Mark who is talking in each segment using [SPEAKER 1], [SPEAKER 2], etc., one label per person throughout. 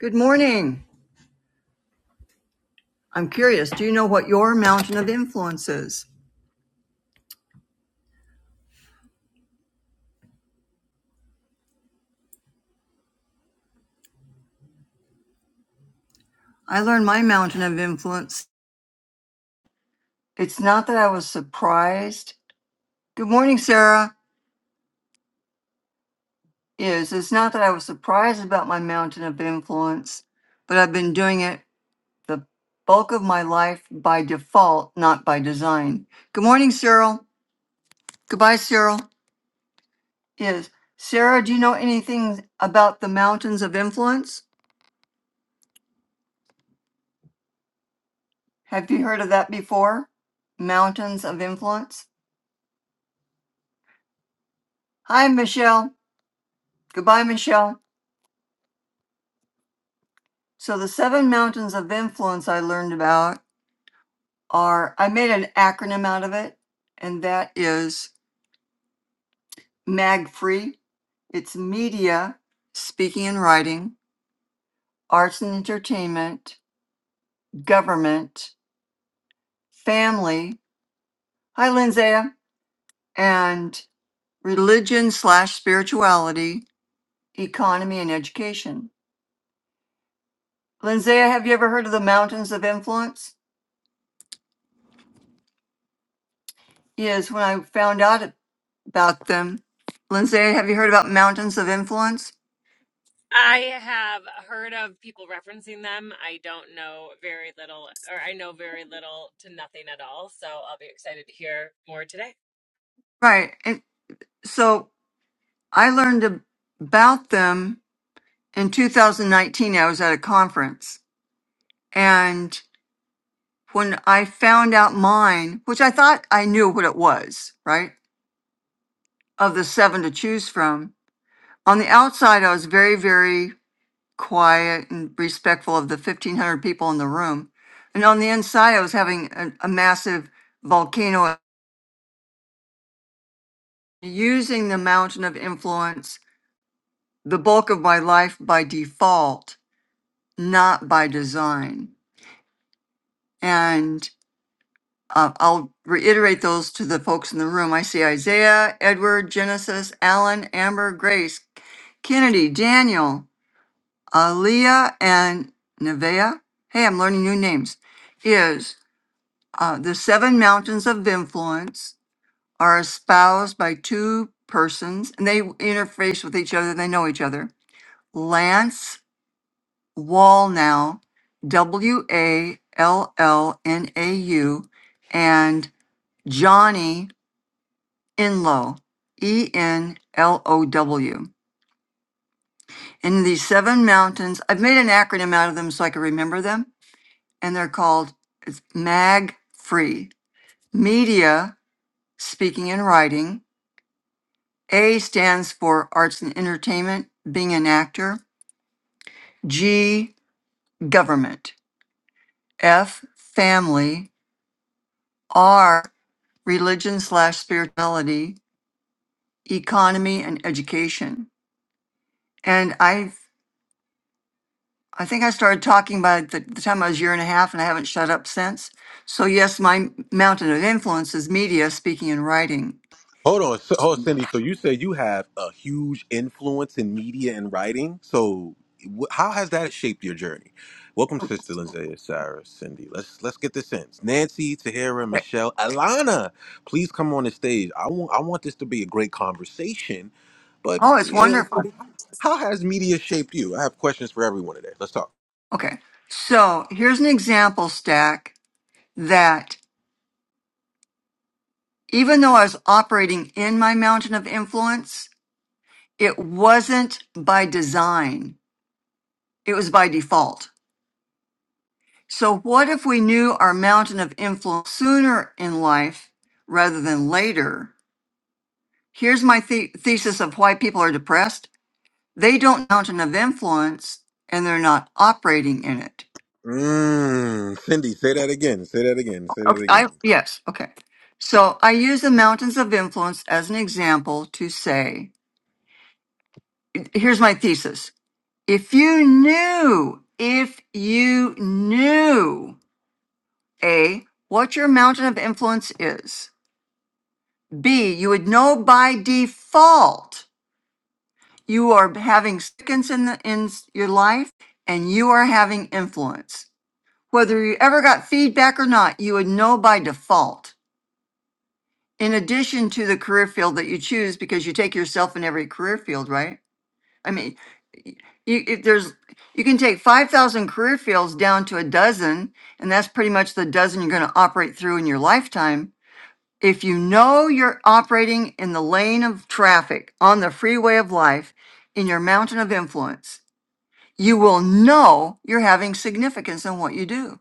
[SPEAKER 1] Good morning. I'm curious, do you know what your mountain of influence is? I learned my mountain of influence. It's not that I was surprised. Good morning, Sarah. Is it's not that I was surprised about my mountain of influence, but I've been doing it the bulk of my life by default, not by design. Good morning, Cyril. Goodbye, Cyril. Is Sarah, do you know anything about the mountains of influence? Have you heard of that before? Mountains of influence? Hi, Michelle. Goodbye, Michelle. So, the seven mountains of influence I learned about are I made an acronym out of it, and that is MAGFREE. It's media, speaking and writing, arts and entertainment, government, family. Hi, Lindsay. And religion slash spirituality, economy, and education. Lindsay, have you ever heard of the mountains of influence? Yes, when I found out about them, Lindsay, have you heard about Mountains of Influence?
[SPEAKER 2] I have heard of people referencing them. I don't know very little, or I know very little to nothing at all. So I'll be excited to hear more today.
[SPEAKER 1] Right. And so I learned ab- about them in 2019. I was at a conference. And when I found out mine, which I thought I knew what it was, right? Of the seven to choose from, on the outside, I was very, very quiet and respectful of the 1,500 people in the room. And on the inside, I was having a, a massive volcano using the mountain of influence the bulk of my life by default, not by design. And uh, I'll reiterate those to the folks in the room. I see Isaiah, Edward, Genesis, Alan, Amber, Grace, Kennedy, Daniel, Aaliyah, and Nevea. Hey, I'm learning new names. Is uh, the seven mountains of influence are espoused by two persons and they interface with each other, they know each other. Lance Wallnau, W A L L N A U, and Johnny Enlow, E N L O W. In these seven mountains, I've made an acronym out of them so I can remember them, and they're called it's MAG Free Media, Speaking and Writing. A stands for Arts and Entertainment, being an actor. G, Government. F, Family. R. religion slash spirituality, economy, and education. And I I think I started talking by the, the time I was a year and a half, and I haven't shut up since. So yes, my mountain of influence is media, speaking, and writing.
[SPEAKER 3] Hold on, so, hold Cindy. So you said you have a huge influence in media and writing. So wh- how has that shaped your journey? Welcome, Sister Lindsay, Sarah, Cindy. Let's let's get this in. Nancy, Tahira, Michelle, Alana, please come on the stage. I want I want this to be a great conversation. But
[SPEAKER 1] Oh, it's
[SPEAKER 3] you know,
[SPEAKER 1] wonderful.
[SPEAKER 3] Cindy, how has media shaped you? I have questions for everyone today. Let's talk.
[SPEAKER 1] Okay. So here's an example stack that even though I was operating in my mountain of influence, it wasn't by design. It was by default. So, what if we knew our mountain of influence sooner in life rather than later? Here's my the- thesis of why people are depressed they don't know mountain of influence and they're not operating in it.
[SPEAKER 3] Mm, Cindy, say that again. Say that again. Say that
[SPEAKER 1] Okay. I,
[SPEAKER 3] again.
[SPEAKER 1] yes. Okay. So, I use the mountains of influence as an example to say, here's my thesis. If you knew, if you knew, A, what your mountain of influence is, B, you would know by default you are having significance in, the, in your life and you are having influence. Whether you ever got feedback or not, you would know by default. In addition to the career field that you choose, because you take yourself in every career field, right? I mean, y- you, if there's you can take 5,000 career fields down to a dozen, and that's pretty much the dozen you're going to operate through in your lifetime If you know you're operating in the lane of traffic on the freeway of life in your mountain of influence, you will know you're having significance in what you do.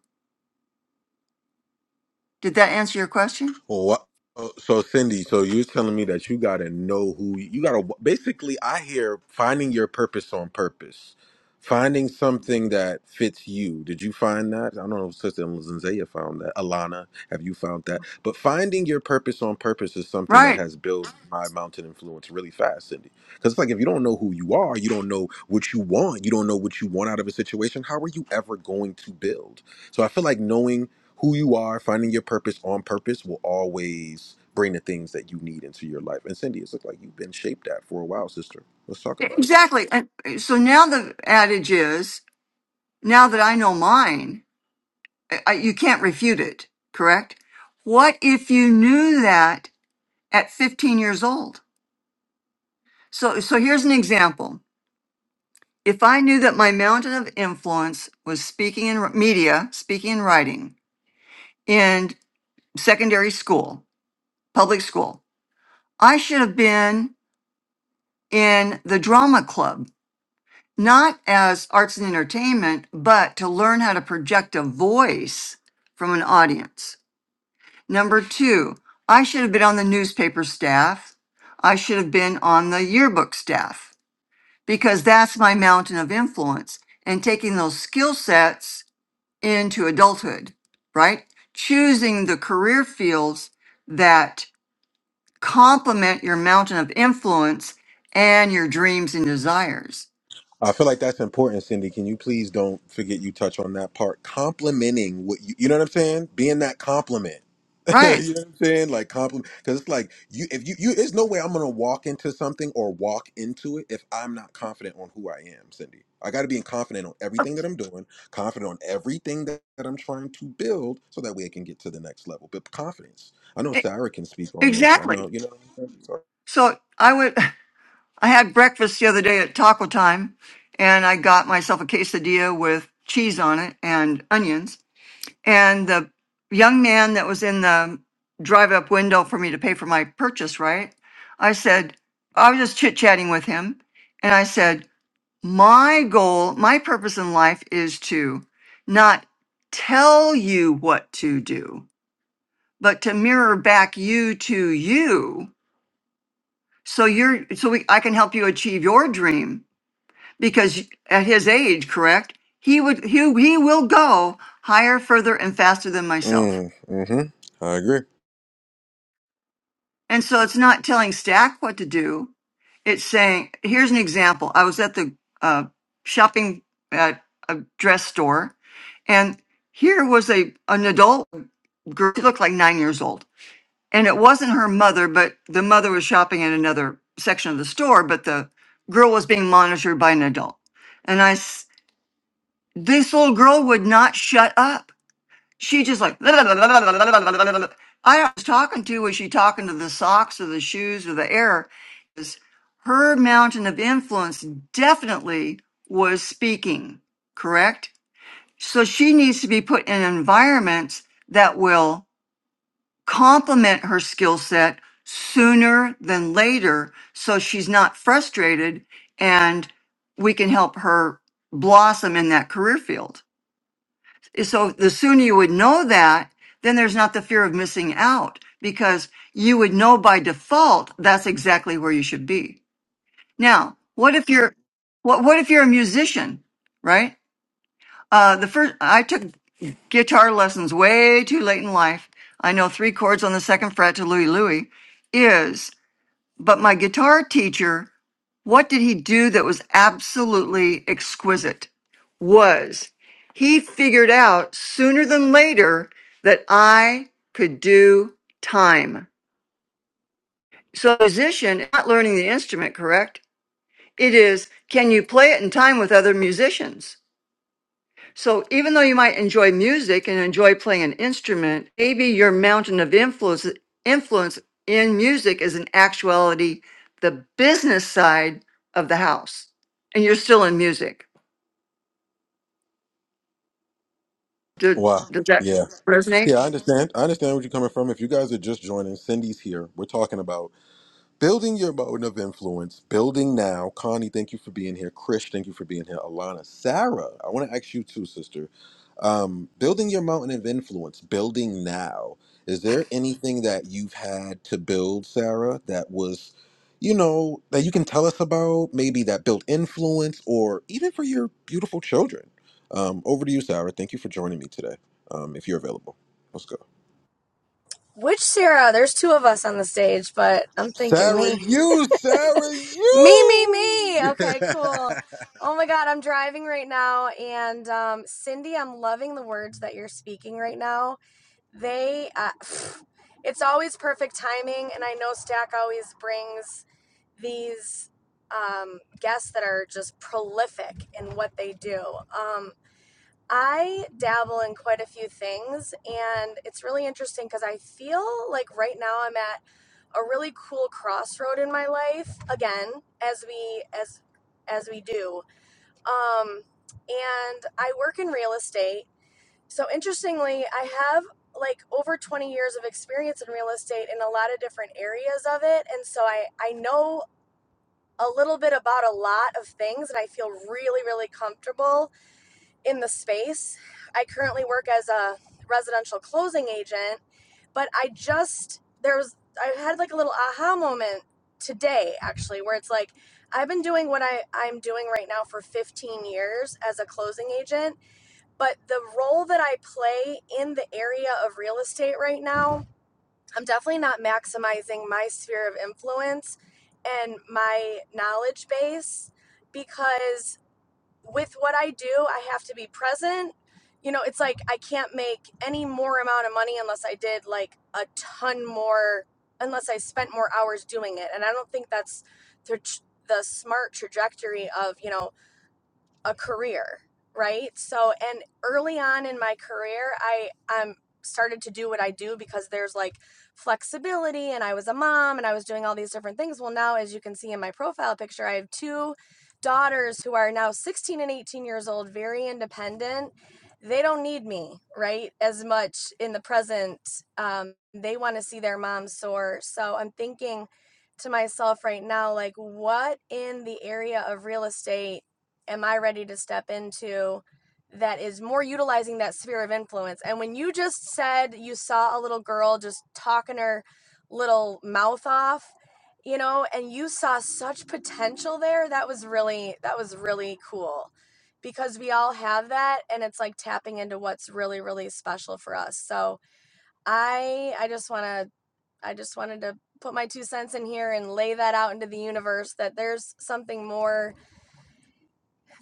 [SPEAKER 1] Did that answer your question?
[SPEAKER 3] Well, what- oh, so Cindy, so you're telling me that you gotta know who you gotta. Basically, I hear finding your purpose on purpose, finding something that fits you. Did you find that? I don't know if Sister Zaya found that. Alana, have you found that? But finding your purpose on purpose is something that
[SPEAKER 1] Right.
[SPEAKER 3] has built my mountain influence really fast, Cindy. Because it's like if you don't know who you are, you don't know what you want, you don't know what you want out of a situation, how are you ever going to build? So I feel like knowing who you are, finding your purpose on purpose will always bring the things that you need into your life. And Cindy, it's look like you've been shaped at for a while, sister. Let's talk
[SPEAKER 1] E-
[SPEAKER 3] about it.
[SPEAKER 1] Exactly. And e, so now the adage is now that I know mine, I- I- you can't refute it, correct? What if you knew that at 15 years old? So, so here's an example. If I knew that my mountain of influence was speaking in r- media, speaking and writing in secondary school, public school, I should have been in the drama club, not as arts and entertainment, but to learn how to project a voice from an audience. Number two, I should have been on the newspaper staff. I should have been on the yearbook staff because that's my mountain of influence. And taking those skill sets into adulthood, right? Choosing the career fields that complement your mountain of influence and your dreams and desires.
[SPEAKER 3] I feel like that's important, Cindy. Can you please don't forget you touch on that part? Complimenting what you, you know what I'm saying? Being that compliment.
[SPEAKER 1] Right.
[SPEAKER 3] you know what I'm saying? Like compliment, because it's like you, if you, you, there's no way I'm gonna walk into something or walk into it if I'm not confident on who I am, Cindy. I got to be confident on everything that I'm doing, confident on everything that, that I'm trying to build, so that way I can get to the next level. But confidence. I know
[SPEAKER 1] E-
[SPEAKER 3] Sarah can speak on this. I know,
[SPEAKER 1] Exactly.
[SPEAKER 3] you know. What I'm
[SPEAKER 1] So I would, I had breakfast the other day at Taco Time and I got myself a quesadilla with cheese on it and onions And the young man that was in the drive up window for me to pay for my purchase, right? I said, I was just chit chatting with him. And I said, My goal, my purpose in life is to not tell you what to do, but to mirror back you to you. So you're, so we, I can help you achieve your dream because at his age, correct? He would, he, he will go higher, further, and faster than myself.
[SPEAKER 3] saying? So, mm, hmm I agree.
[SPEAKER 1] And so it's not telling Stack what to do. It's saying, here's an example. I was at the uh, shopping at a dress store, and here was a an adult girl. She looked like nine years old, and it wasn't her mother, but the mother was shopping in another section of the store. But the girl was being monitored by an adult, and I, s- this little girl would not shut up she just like I was talking to was she talking to the socks or the shoes or the air? Is her mountain of influence definitely was speaking, correct? So she needs to be put in environments that will complement her skill set sooner than later so she's not frustrated and we can help her blossom in that career field. So the sooner you would know that, then there's not the fear of missing out because you would know by default that's exactly where you should be. Now, what if you're what what if you're a musician, right? Uh the first I took guitar lessons way too late in life. I know three chords on the second fret to Louie Louie. Is but my guitar teacher, what did he do that was absolutely exquisite? Was he figured out sooner than later that I could do time. So, a musician, not learning the instrument, correct? It is, can you play it in time with other musicians? So even though you might enjoy music and enjoy playing an instrument, maybe your mountain of influence influence in music is in actuality the business side of the house. And you're still in music. Do,
[SPEAKER 3] Wow.
[SPEAKER 1] does that
[SPEAKER 3] Yeah.
[SPEAKER 1] resonate?
[SPEAKER 3] Yeah, I understand. I understand where you're coming from. If you guys are just joining, Cindy's here. We're talking about Building your mode of influence, building now. Connie, thank you for being here. Krish, thank you for being here. Alana, Sarah, I want to ask you too, sister. Um, building your mountain of influence, building now. Is there anything that you've had to build, Sarah, that was, you know, that you can tell us about, maybe that built influence or even for your beautiful children? Um, over to you, Sarah. Thank you for joining me today, um, if you're available. Let's go.
[SPEAKER 4] Which Sarah? There's two of us on the stage, but I'm thinking
[SPEAKER 3] Sarah,
[SPEAKER 4] me.
[SPEAKER 3] you, Sarah,
[SPEAKER 4] Me, me, me.
[SPEAKER 3] you.
[SPEAKER 4] Okay, cool. Oh my God, I'm driving right now. And um, Cindy, I'm loving the words that you're speaking right now. They, uh, it's always perfect timing. And I know Stack always brings these um, guests that are just prolific in what they do. Um, I dabble in quite a few things, and it's really interesting because I feel like right now I'm at a really cool crossroad in my life again, as we as as we do. Um, and I work in real estate. So interestingly, I have like over 20 years of experience in real estate in a lot of different areas of it, and so I I know a little bit about a lot of things, and I feel really really comfortable in the space. I currently work as a residential closing agent, but I just there was I had like a little aha moment today actually where it's like I've been doing what I I'm doing right now for 15 years as a closing agent, but the role that I play in the area of real estate right now, I'm definitely not maximizing my sphere of influence and my knowledge base because with what I do, I have to be present. You know, it's like I can't make any more amount of money unless I did like a ton more, unless I spent more hours doing it. And I don't think that's the, the smart trajectory of, you know, a career, right? So, and early on in my career, I um started to do what I do because there's like flexibility and I was a mom and I was doing all these different things. Well, now as you can see in my profile picture, I have two daughters who are now 16 and 18 years old, very independent. They don't need me, right? As much in the present. Um, they want to see their mom soar. So I'm thinking to myself right now, like, what in the area of real estate am I ready to step into that is more utilizing that sphere of influence? And when you just said you saw a little girl just talking her little mouth off, you know, and you saw such potential there, that was really that was really cool because we all have that and it's like tapping into what's really really special for us. So, I I just want to I just wanted to put my two cents in here and lay that out into the universe that there's something more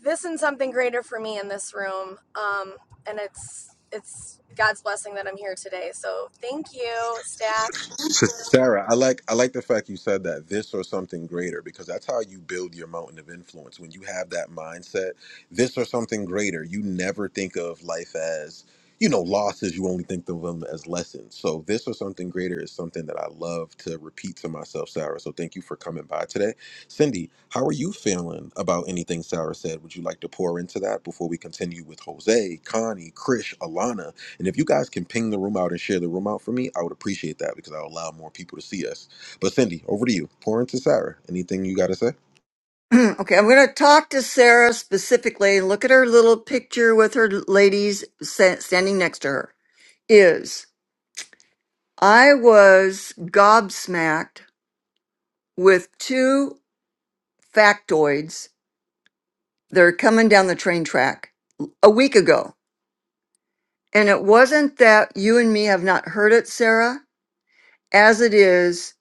[SPEAKER 4] this and something greater for me in this room. Um, and it's it's God's blessing that I'm here today. So thank you, staff.
[SPEAKER 3] Sarah, I like I like the fact you said that this or something greater because that's how you build your mountain of influence. When you have that mindset, this or something greater, you never think of life as you know losses. You only think of them as lessons. So this or something greater is something that I love to repeat to myself, Sarah. So thank you for coming by today, Cindy. How are you feeling about anything Sarah said? Would you like to pour into that before we continue with Jose, Connie, Krish, Alana? And if you guys can ping the room out and share the room out for me, I would appreciate that because I'll allow more people to see us. But Cindy, over to you. Pour into Sarah. Anything you got to say?
[SPEAKER 1] okay, I'm going to talk to Sarah specifically. Look at her little picture with her ladies sa- standing next to her. Is I was gobsmacked with two factoids They're coming down the train track a week ago. And it wasn't that you and me have not heard it, Sarah. As it is,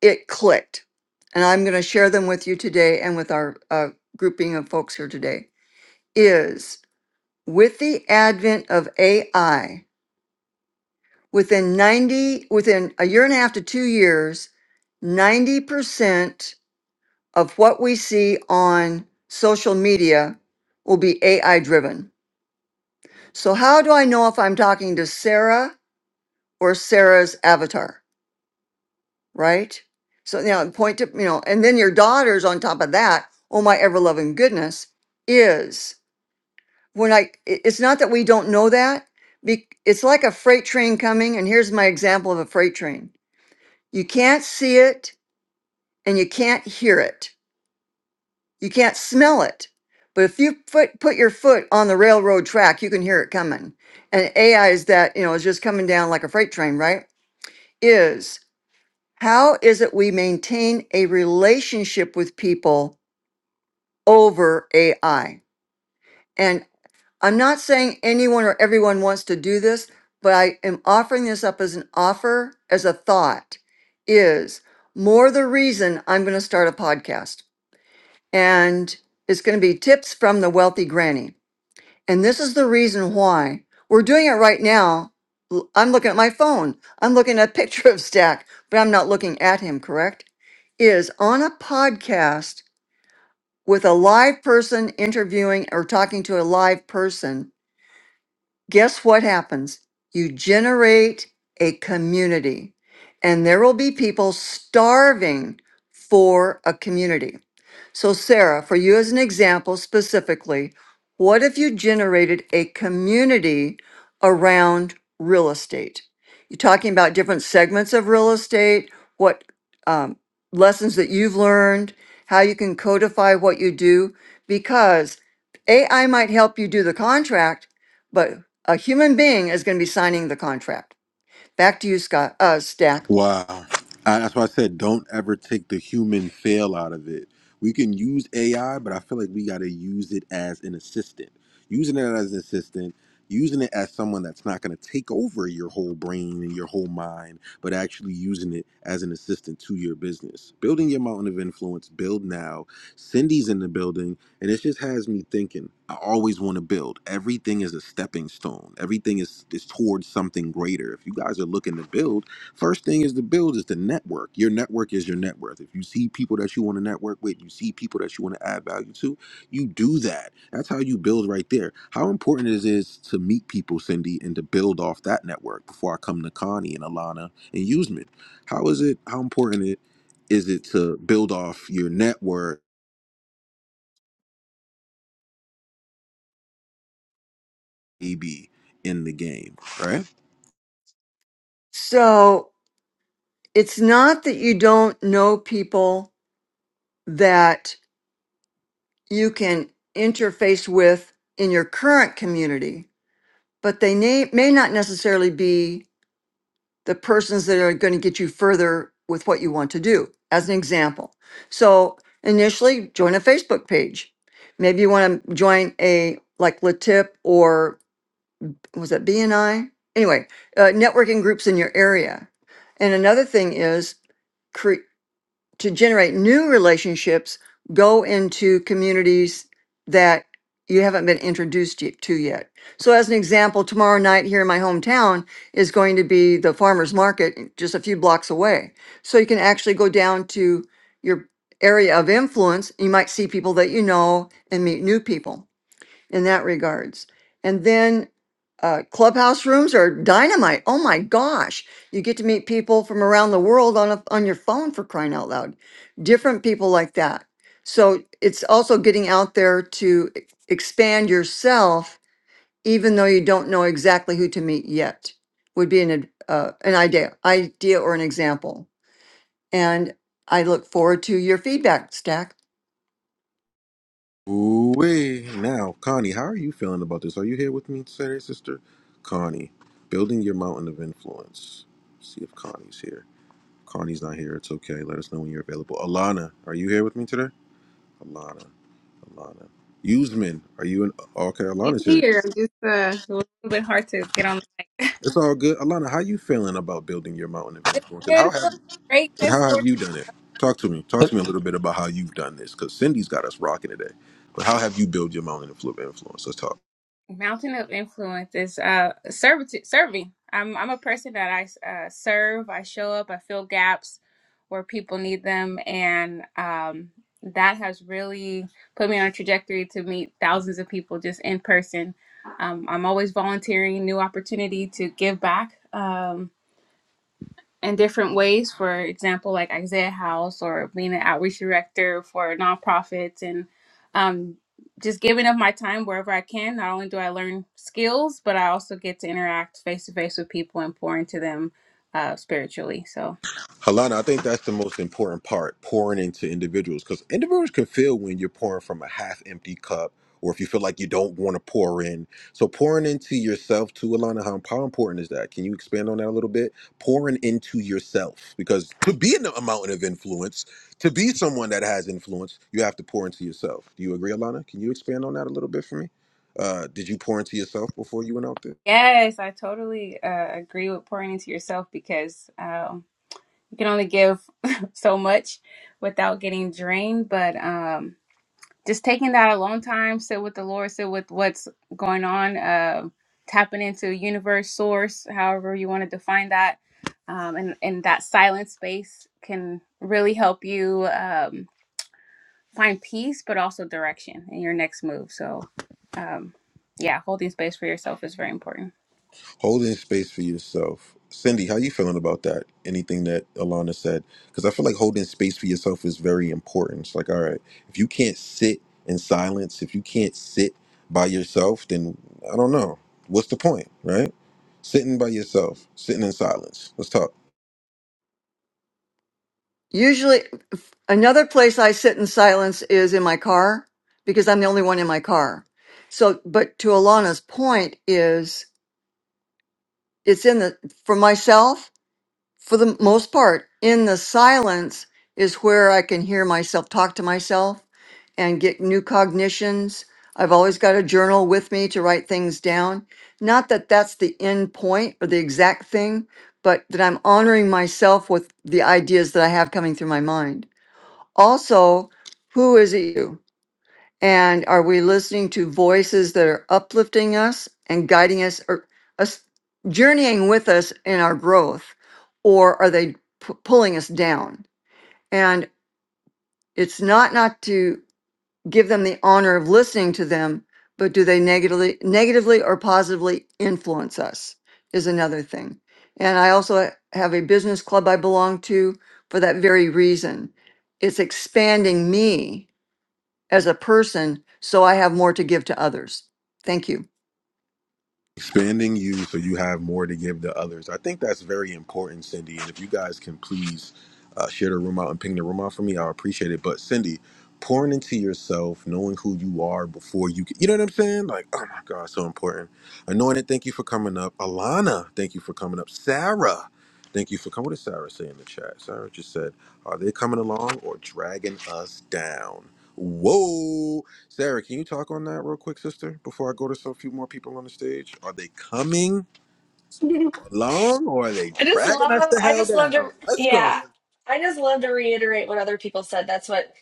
[SPEAKER 1] it clicked. And I'm going to share them with you today and with our uh, grouping of folks here today. Is with the advent of AI, within 90, within a year and a half to two years, 90% of what we see on social media will be AI driven. So how do I know if I'm talking to Sarah or Sarah's avatar, right? So now point to, you know, and then your daughters on top of that, oh my ever loving goodness, is when I, i- it's not that we don't know that. be- It's like a freight train coming. And here's my example of a freight train. You can't see it and you can't hear it. You can't smell it. But if you put, put your foot on the railroad track, you can hear it coming. And AI is that, you know, it's just coming down like a freight train, right? is how is it we maintain a relationship with people over AI? And I'm not saying anyone or everyone wants to do this, but I am offering this up as an offer, as a thought, is more the reason I'm going to start a podcast. And it's going to be tips from the wealthy granny. And this is the reason why we're doing it right now. L- I'm looking at my phone. I'm looking at a picture of Stack, but I'm not looking at him, correct? Is on a podcast with a live person interviewing or talking to a live person guess what happens? You generate a community, and there will be people starving for a community. So, Sarah, for you as an example specifically, what if you generated a community around real estate? You're talking about different segments of real estate, what um, lessons that you've learned, how you can codify what you do, because AI might help you do the contract, but a human being is going to be signing the contract. Back to you, Scott, uh, Stack.
[SPEAKER 3] Wow. I, that's why I said don't ever take the human fail out of it. We can use AI, but I feel like we got to use it as an assistant. Using it as an assistant, using it as someone that's not going to take over your whole brain and your whole mind, but actually using it as an assistant to your business. Building your mountain of influence, build now. Cindy's in the building, and it just has me thinking. I always want to build. Everything is a stepping stone. Everything is is towards something greater. If you guys are looking to build, First thing is to build is the network. Your network is your net worth. If you see people that you want to network with, you see people that you want to add value to, you do that. That's how you build right there. How important it is to meet people, Cindy, and to build off that network before I come to Connie and Alana and Usman. How is it, how important it is it to build off your network AB in the game, right?
[SPEAKER 1] So it's not that you don't know people that you can interface with in your current community, but they may, may not necessarily be the persons that are going to get you further with what you want to do, as an example. So initially, join a Facebook page. Maybe you want to join a like Latip or was that B and I? Anyway, uh, networking groups in your area. And another thing is cre- to generate new relationships, go into communities that you haven't been introduced y- to yet. So, as an example, tomorrow night here in my hometown is going to be the farmers market just a few blocks away. So, you can actually go down to your area of influence. You might see people that you know and meet new people in that regards. And then uh, clubhouse rooms are dynamite. Oh my gosh, you get to meet people from around the world on a, on your phone for crying out loud. Different people like that. So it's also getting out there to e- expand yourself, even though you don't know exactly who to meet yet. Would be an ad- uh, an idea, idea or an example. And I look forward to your feedback, Stack.
[SPEAKER 3] Ooh-wee. Now, Connie, how are you feeling about this? Are you here with me today, sister? Connie, building your mountain of influence. see if Connie's here. Connie's not here. It's okay. Let us know when you're available. Alana, are you here with me today? Alana, Alana. Usman, are you in? Okay,
[SPEAKER 5] I'm
[SPEAKER 3] Alana's here.
[SPEAKER 5] here. I'm just uh, a little bit hard to get on.
[SPEAKER 3] It's all good. Alana, how you feeling about building your mountain of influence, and how
[SPEAKER 5] Good,
[SPEAKER 3] have
[SPEAKER 5] feeling great
[SPEAKER 3] and
[SPEAKER 5] this
[SPEAKER 3] how
[SPEAKER 5] morning.
[SPEAKER 3] have you done it? Talk to me. Talk to me a little bit about how you've done this, because Cindy's got us rocking today. But how have you built your mountain of influence? Let's talk.
[SPEAKER 5] Mountain of influence is uh, servitude, serving. I'm I'm a person that I uh, serve. I show up. I fill gaps where people need them, and um, that has really put me on a trajectory to meet thousands of people just in person. Um, I'm always volunteering, new opportunity to give back. Um, in different ways. For example, like Isaiah House or being an outreach director for nonprofits and um, just giving up my time wherever I can. Not only do I learn skills, but I also get to interact face to face with people and pour into them uh, spiritually. So,
[SPEAKER 3] Halana, I think that's the most important part, pouring into individuals, because individuals can feel when you're pouring from a half empty cup or if you feel like you don't want to pour in. So pouring into yourself too, Alana, how, how important is that? Can you expand on that a little bit? Pouring into yourself, because to be in a mountain of influence, to be someone that has influence, you have to pour into yourself. Do you agree, Alana? Can you expand on that a little bit for me? Uh, did you pour into yourself before you went out there?
[SPEAKER 5] yes, I totally uh, agree with pouring into yourself because um, you can only give so much without getting drained. But um, just taking that alone time, sit with the Lord, sit with what's going on, uh, tapping into universe, source, however you want to define that, um, and and that silent space can really help you um, find peace, but also direction in your next move. So, um, yeah, holding space for yourself is very important.
[SPEAKER 3] holding space for yourself. Cindy, how you feeling about that? Anything that Alana said? Because I feel like holding space for yourself is very important. It's like, all right, if you can't sit in silence, if you can't sit by yourself, then I don't know. What's the point, right? Sitting by yourself, sitting in silence. Let's talk.
[SPEAKER 1] Usually, f- another place I sit in silence is in my car because I'm the only one in my car. So, but to Alana's point is it's in the, for myself, for the most part, in the silence is where I can hear myself talk to myself and get new cognitions. I've always got a journal with me to write things down. Not that that's the end point or the exact thing, but that I'm honoring myself with the ideas that I have coming through my mind. Also, who is it you? And are we listening to voices that are uplifting us and guiding us or us journeying with us in our growth? Or are they p- pulling us down? And it's not not to give them the honor of listening to them, but do they negatively, negatively or positively influence us is another thing. And I also have a business club I belong to for that very reason. It's expanding me as a person so I have more to give to others. Thank you.
[SPEAKER 3] expanding you so you have more to give to others. I think that's very important, Cindy. And if you guys can please uh, share the room out and ping the room out for me, I appreciate it. But Cindy, pouring into yourself, knowing who you are before you, can, you know what I'm saying? Like, oh my God, so important. Anointed, thank you for coming up. Alana, thank you for coming up. Sarah. Thank you for coming. What did Sarah say in the chat? Sarah just said, Are they coming along or dragging us down? Whoa. Sarah, can you talk on that real quick, sister, before I go to so few more people on the stage? Are they coming along or are they
[SPEAKER 4] I just
[SPEAKER 3] dragging us
[SPEAKER 4] love,
[SPEAKER 3] the
[SPEAKER 4] I
[SPEAKER 3] hell
[SPEAKER 4] just love
[SPEAKER 3] down?
[SPEAKER 4] to,
[SPEAKER 3] Let's go,
[SPEAKER 4] yeah, I just love to reiterate what other people said. That's what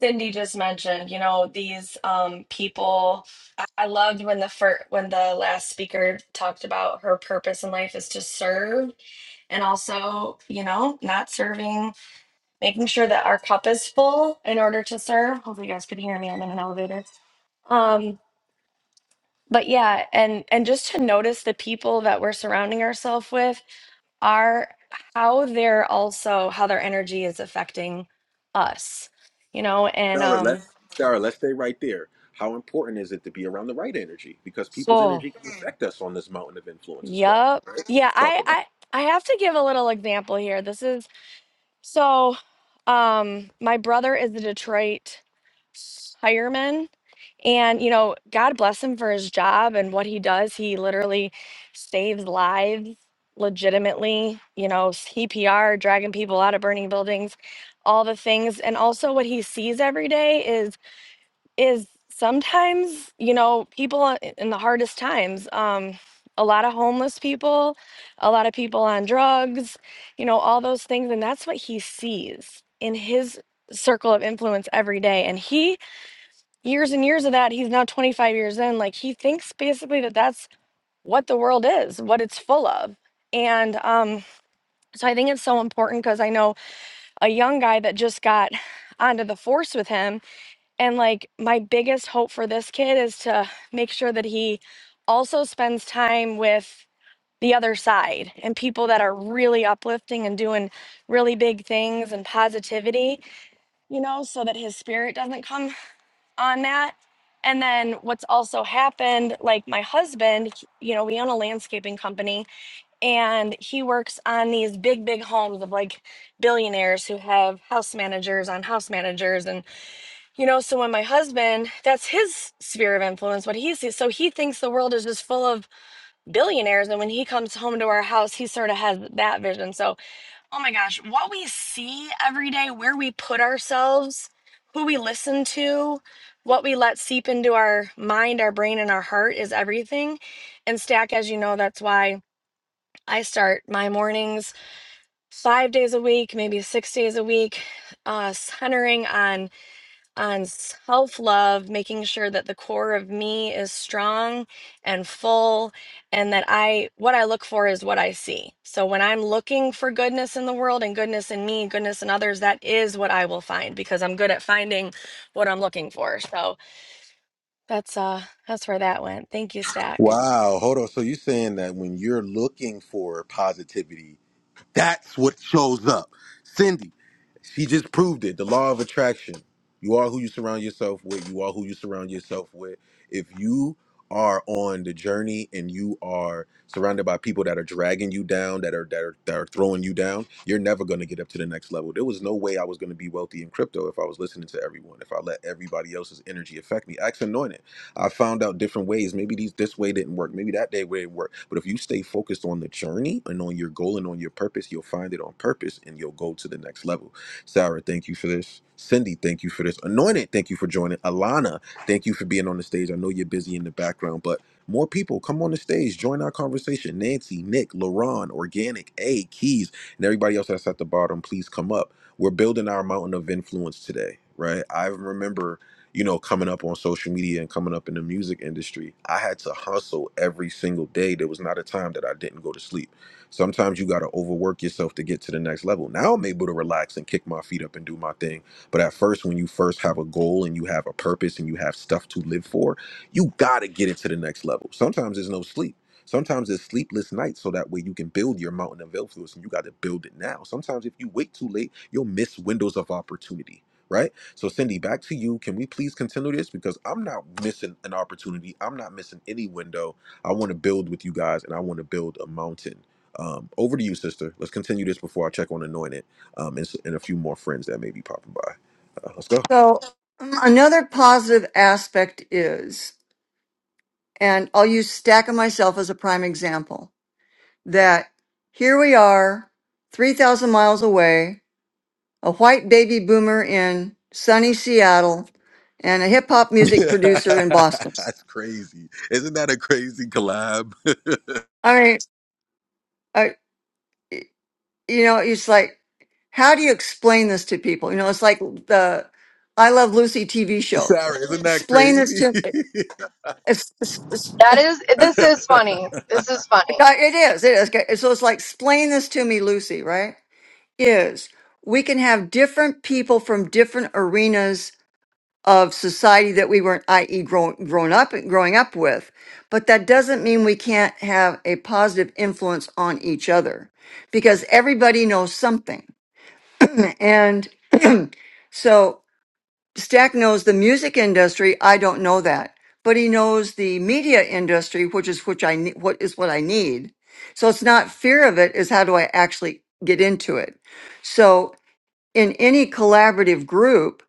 [SPEAKER 4] Cindy just mentioned. You know, these um, people. I, I loved when the first, when the last speaker talked about her purpose in life is to serve, and also, you know, not serving making sure that our cup is full in order to serve. Hopefully, you guys can hear me. I'm in an elevator. Um, but yeah, and and just to notice the people that we're surrounding ourselves with are how they're also how their energy is affecting us, you know. And
[SPEAKER 3] Sarah.
[SPEAKER 4] um,
[SPEAKER 3] Let's, Sarah, let's stay right there. How important is it to be around the right energy? Because people's
[SPEAKER 4] so
[SPEAKER 3] energy can affect us on this mountain of influence as well.
[SPEAKER 4] yep, yeah.
[SPEAKER 3] Talk
[SPEAKER 4] I
[SPEAKER 3] about.
[SPEAKER 4] I
[SPEAKER 3] it.
[SPEAKER 4] I have to give a little example here. This is so. Um, my brother is a Detroit fireman And, you know, God bless him for his job and what he does. He literally saves lives legitimately, you know, CPR, dragging people out of burning buildings, all the things. And also what he sees every day is is sometimes, you know, people i- in the hardest times, um a lot of homeless people, a lot of people on drugs, you know, all those things and that's what he sees in his circle of influence every day. And he years and years of that. He's now 25 years in. Like he thinks basically that that's what the world is, what it's full of. And um, so I think it's so important because I know a young guy that just got onto the force with him. And like my biggest hope for this kid is to make sure that he also spends time with the other side and people that are really uplifting and doing really big things and positivity, you know, so that his spirit doesn't come on that. And then what's also happened, like my husband, he- you know, we own a landscaping company and he works on these big, big homes of like billionaires who have house managers on house managers. And, you know, so when my husband, that's his sphere of influence, what he sees. So he thinks the world is just full of billionaires. And when he comes home to our house, he sort of has that vision. So Oh my gosh, what we see every day, where we put ourselves, who we listen to, what we let seep into our mind, our brain, and our heart is everything. And Stack, as you know, that's why I start my mornings five days a week, maybe six days a week, uh, centering on on self love, making sure that the core of me is strong and full, and that I, what I look for is what I see. So when I'm looking for goodness in the world and goodness in me, goodness in others, that is what I will find because I'm good at finding what I'm looking for. So that's, uh, that's where that went. Thank you, Stack.
[SPEAKER 3] Wow, hold on. So you're saying that when you're looking for positivity, that's what shows up. Cindy, She just proved it. The law of attraction. You are who you surround yourself with. You are who you surround yourself with. If you are on the journey and you are surrounded by people that are dragging you down, that are that are that are throwing you down, you're never going to get up to the next level. There was no way I was going to be wealthy in crypto if I was listening to everyone, if I let everybody else's energy affect me. Acts anointed. I found out different ways. Maybe these this way didn't work. Maybe that day way didn't work. But if you stay focused on the journey and on your goal and on your purpose, you'll find it on purpose and you'll go to the next level Sarah, thank you for this. Cindy, thank you for this. Anointed, thank you for joining. Alana, thank you for being on the stage. I know you're busy in the background, but more people come on the stage, join our conversation. Nancy, Nick, Lauren, Organic, A, Keys, and everybody else that's at the bottom, please come up. We're building our mountain of influence today, right? I remember you know, coming up on social media and coming up in the music industry, I had to hustle every single day. There was not a time that I didn't go to sleep Sometimes you got to overwork yourself to get to the next level. Now I'm able to relax and kick my feet up and do my thing. But at first, when you first have a goal and you have a purpose and you have stuff to live for, you got to get it to the next level. Sometimes there's no sleep. Sometimes it's sleepless nights so that way you can build your mountain of influence and you got to build it now. Sometimes if you wait too late, you'll miss windows of opportunity, right? So, Cindy, back to you. Can we please continue this? Because I'm not missing an opportunity, I'm not missing any window. I want to build with you guys and I want to build a mountain. Um, over to you, sister. Let's continue this before I check on anointed um, and, s- and a few more friends that may be popping by. Uh, let's go.
[SPEAKER 1] So Um, Another positive aspect is, and I'll use Stack and myself as a prime example, that here we are, 3,000 miles away, a white baby boomer in sunny Seattle, and a hip hop music producer in Boston.
[SPEAKER 3] That's crazy. Isn't that a crazy collab?
[SPEAKER 1] I mean, I, you know, it's like, how do you explain this to people? You know, it's like the I Love Lucy TV show.
[SPEAKER 3] Sarah, isn't that
[SPEAKER 1] Explain this
[SPEAKER 3] crazy?
[SPEAKER 1] to it's, it's, it's,
[SPEAKER 4] That is, this is funny. This is funny.
[SPEAKER 1] yeah, it is it is okay. so it's like explain this to me, Lucy. Right? Is we can have different people from different arenas of society that we weren't, i.e., grown grown up growing up with, but that doesn't mean we can't have a positive influence on each other because everybody knows something and. So Stack knows the music industry. I don't know that, but he knows the media industry, which is which I ne- what is what I need. So it's not fear of it; is how do I actually get into it? So in any collaborative group,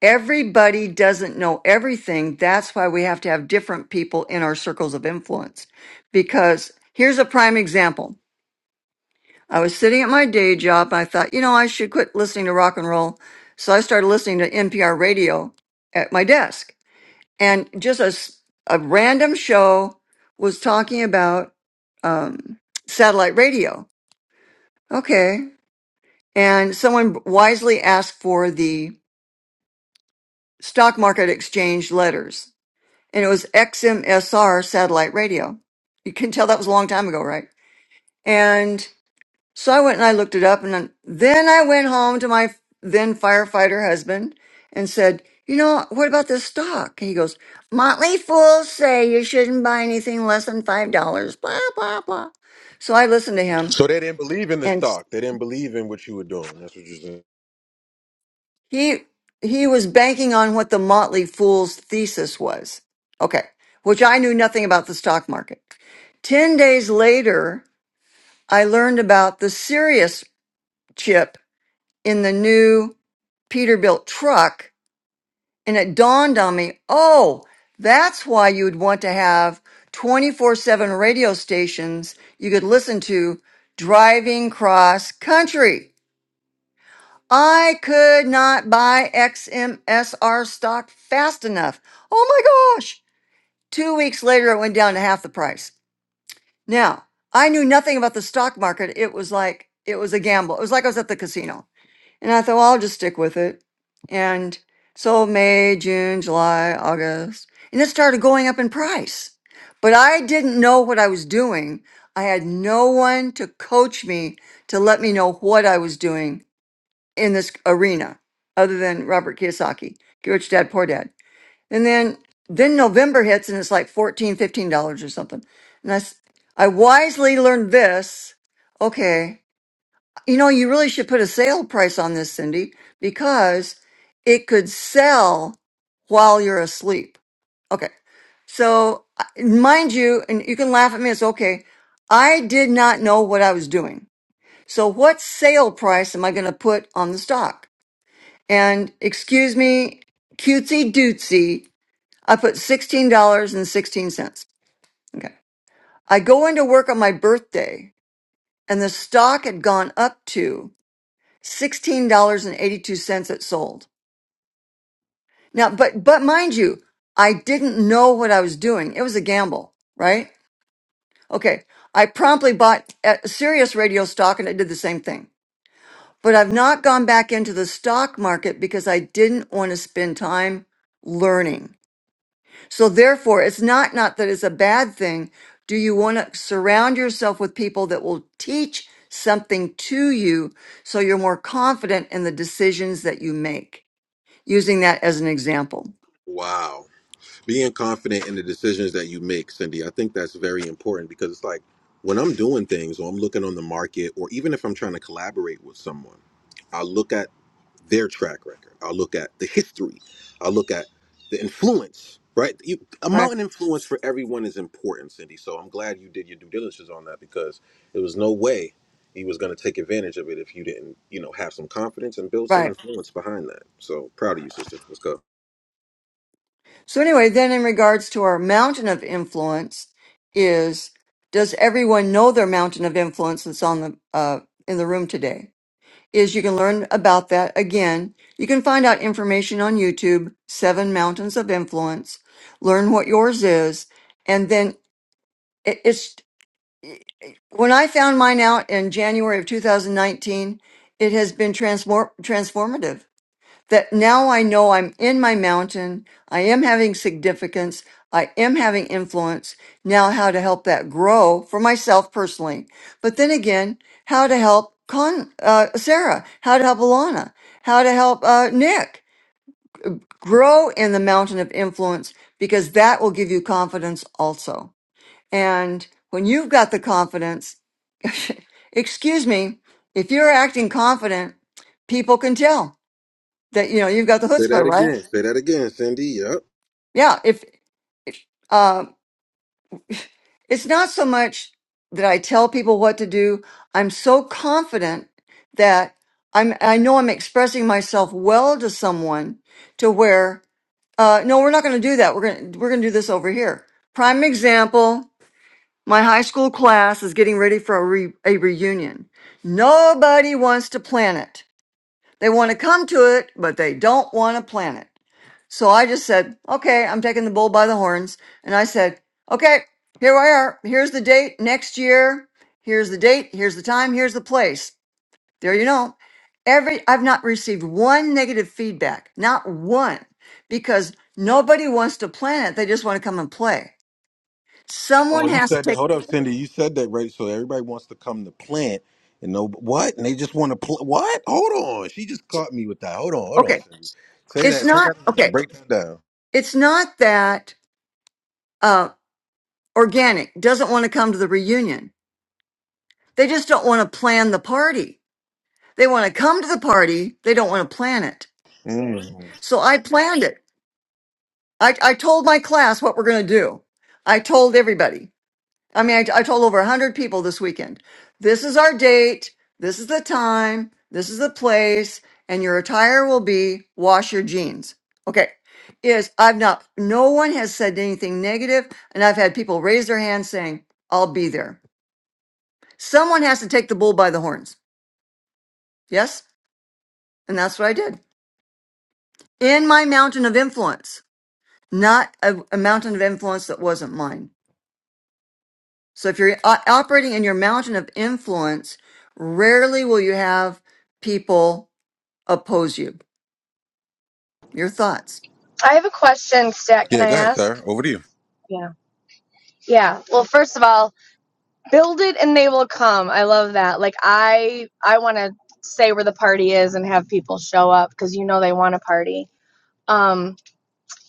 [SPEAKER 1] everybody doesn't know everything. That's why we have to have different people in our circles of influence. Because here's a prime example. I was sitting at my day job and I thought, you know, I should quit listening to rock and roll. So I started listening to NPR radio at my desk. And just a, s- a random show was talking about um, satellite radio. Okay. And someone wisely asked for the stock market exchange letters, and it was XMSR satellite radio. You can tell that was a long time ago, right? And. So I went and I looked it up, and then then I went home to my then firefighter husband and said, "You know, what about this stock?" And he goes, "Motley fools say you shouldn't buy anything less than five dollars." Blah blah blah. So I listened to him,
[SPEAKER 3] So they didn't believe in the
[SPEAKER 1] and
[SPEAKER 3] stock. They didn't believe in what you were doing. That's what you're saying.
[SPEAKER 1] he he was banking on what the Motley Fool's thesis was. Okay, which I knew nothing about the stock market. Ten days later, I learned about the Sirius chip in the new Peterbilt truck And it dawned on me, oh, that's why you would want to have 24 7 radio stations you could listen to driving cross country. I could not buy XMSR stock fast enough. Oh my gosh. Two weeks later, it went down to half the price. Now, I knew nothing about the stock market. It was like, it was a gamble. It was like I was at the casino. And I thought, well, I'll just stick with it. And so May, June, July, August, and it started going up in price. But I didn't know what I was doing. I had no one to coach me to let me know what I was doing in this arena other than Robert Kiyosaki, Get Rich Dad, Poor Dad. And then then November hits and it's like fourteen, fifteen dollars or something. And I, s- I wisely learned this. Okay, you know, you really should put a sale price on this, Cindy, because it could sell while you're asleep. Okay. So, I- mind you, and you can laugh at me, it's okay. I did not know what I was doing. So, what sale price am I going to put on the stock? And excuse me, cutesy dootsy, I put $16.16. Okay. I go into work on my birthday and the stock had gone up to $16.82 it sold. Now, but, but mind you, I didn't know what I was doing. It was a gamble, right? Okay. I promptly bought a serious radio stock and it did the same thing, but I've not gone back into the stock market because I didn't want to spend time learning. So therefore, it's not, not that it's a bad thing. Do you want to surround yourself with people that will teach something to you so you're more confident in the decisions that you make? using that as an example.
[SPEAKER 3] wow. Being confident in the decisions that you make, Cindy, I think that's very important because it's like when I'm doing things or I'm looking on the market or even if I'm trying to collaborate with someone, I look at. their track record. I'll look at the history. I'll look at the influence, right? You,
[SPEAKER 1] Right.
[SPEAKER 3] amount and influence for everyone is important, Cindy. So I'm glad you did your due diligence on that because there was no way he was going to take advantage of it if you didn't, you know, have some confidence and build some
[SPEAKER 1] Right.
[SPEAKER 3] influence behind that. So proud of you, sister. Let's go.
[SPEAKER 1] So anyway, then in regards to our mountain of influence is does everyone know their mountain of influence that's on the uh, in the room today? Is you can learn about that again. You can find out information on YouTube, Seven Mountains of Influence, learn what yours is, and then it, it's when I found mine out in January of 2019, it has been transform transformative that now I know I'm in my mountain. I am having significance. I am having influence. Now, how to help that grow for myself personally. But then again, how to help Con, uh, Sarah, how to help Alana, how to help uh, Nick grow in the mountain of influence because that will give you confidence also. And when you've got the confidence, excuse me, if you're acting confident, people can tell that, you know, you've got the
[SPEAKER 3] Say
[SPEAKER 1] chutzpah,
[SPEAKER 3] that
[SPEAKER 1] right?
[SPEAKER 3] again. Say that again, Cindy. Yep.
[SPEAKER 1] Yeah, if um, it's not so much that I tell people what to do, I'm so confident that I'm I know I'm expressing myself well to someone to where uh, no, we're not going to do that. We're going to we're going to do this over here. Prime example, my high school class is getting ready for a, re, a reunion. Nobody wants to plan it. They want to come to it, but they don't want to plan it. So I just said, okay, I'm taking the bull by the horns. And I said, okay, here we are. Here's the date next year. Here's the date. Here's the time. Here's the place. There you know. Every, I've not received one negative feedback, not one, because nobody wants to plan it. They just want to come and play. Someone
[SPEAKER 3] Oh, you
[SPEAKER 1] has to
[SPEAKER 3] said that.
[SPEAKER 1] take,
[SPEAKER 3] Hold up, Cindy. You said that right. So everybody wants to come to plant, and no, what? And they just want to pl- what? Hold on. She just caught me with that. Hold on, hold on,
[SPEAKER 1] okay,
[SPEAKER 3] Cindy. Say
[SPEAKER 1] it's
[SPEAKER 3] that. Say
[SPEAKER 1] not,
[SPEAKER 3] that again.
[SPEAKER 1] okay,
[SPEAKER 3] Break that down.
[SPEAKER 1] it's not that, uh, organic doesn't want to come to the reunion. They just don't want to plan the party They want to come to the party. They don't want to plan it.
[SPEAKER 3] Mhm.
[SPEAKER 1] So I planned it. I, I told my class what we're going to do. I told everybody. I mean, I, I told over 100 people this weekend this is our date. This is the time. This is the place. And your attire will be wash your jeans. Okay. Is I've not, no one has said anything negative, And I've had people raise their hands saying, I'll be there. Someone has to take the bull by the horns. Yes. And that's what I did in my mountain of influence. not a, a mountain of influence that wasn't mine. So if you're o- operating in your mountain of influence, rarely will you have people oppose you. Your thoughts.
[SPEAKER 4] I have a question, Stat. Can
[SPEAKER 3] Yeah,
[SPEAKER 4] I
[SPEAKER 3] go ahead,
[SPEAKER 4] ask?
[SPEAKER 3] Sarah. Over to you.
[SPEAKER 4] Yeah. Yeah. Well, first of all, build it and they will come i love that like i i want to say where the party is and have people show up because you know they want a party um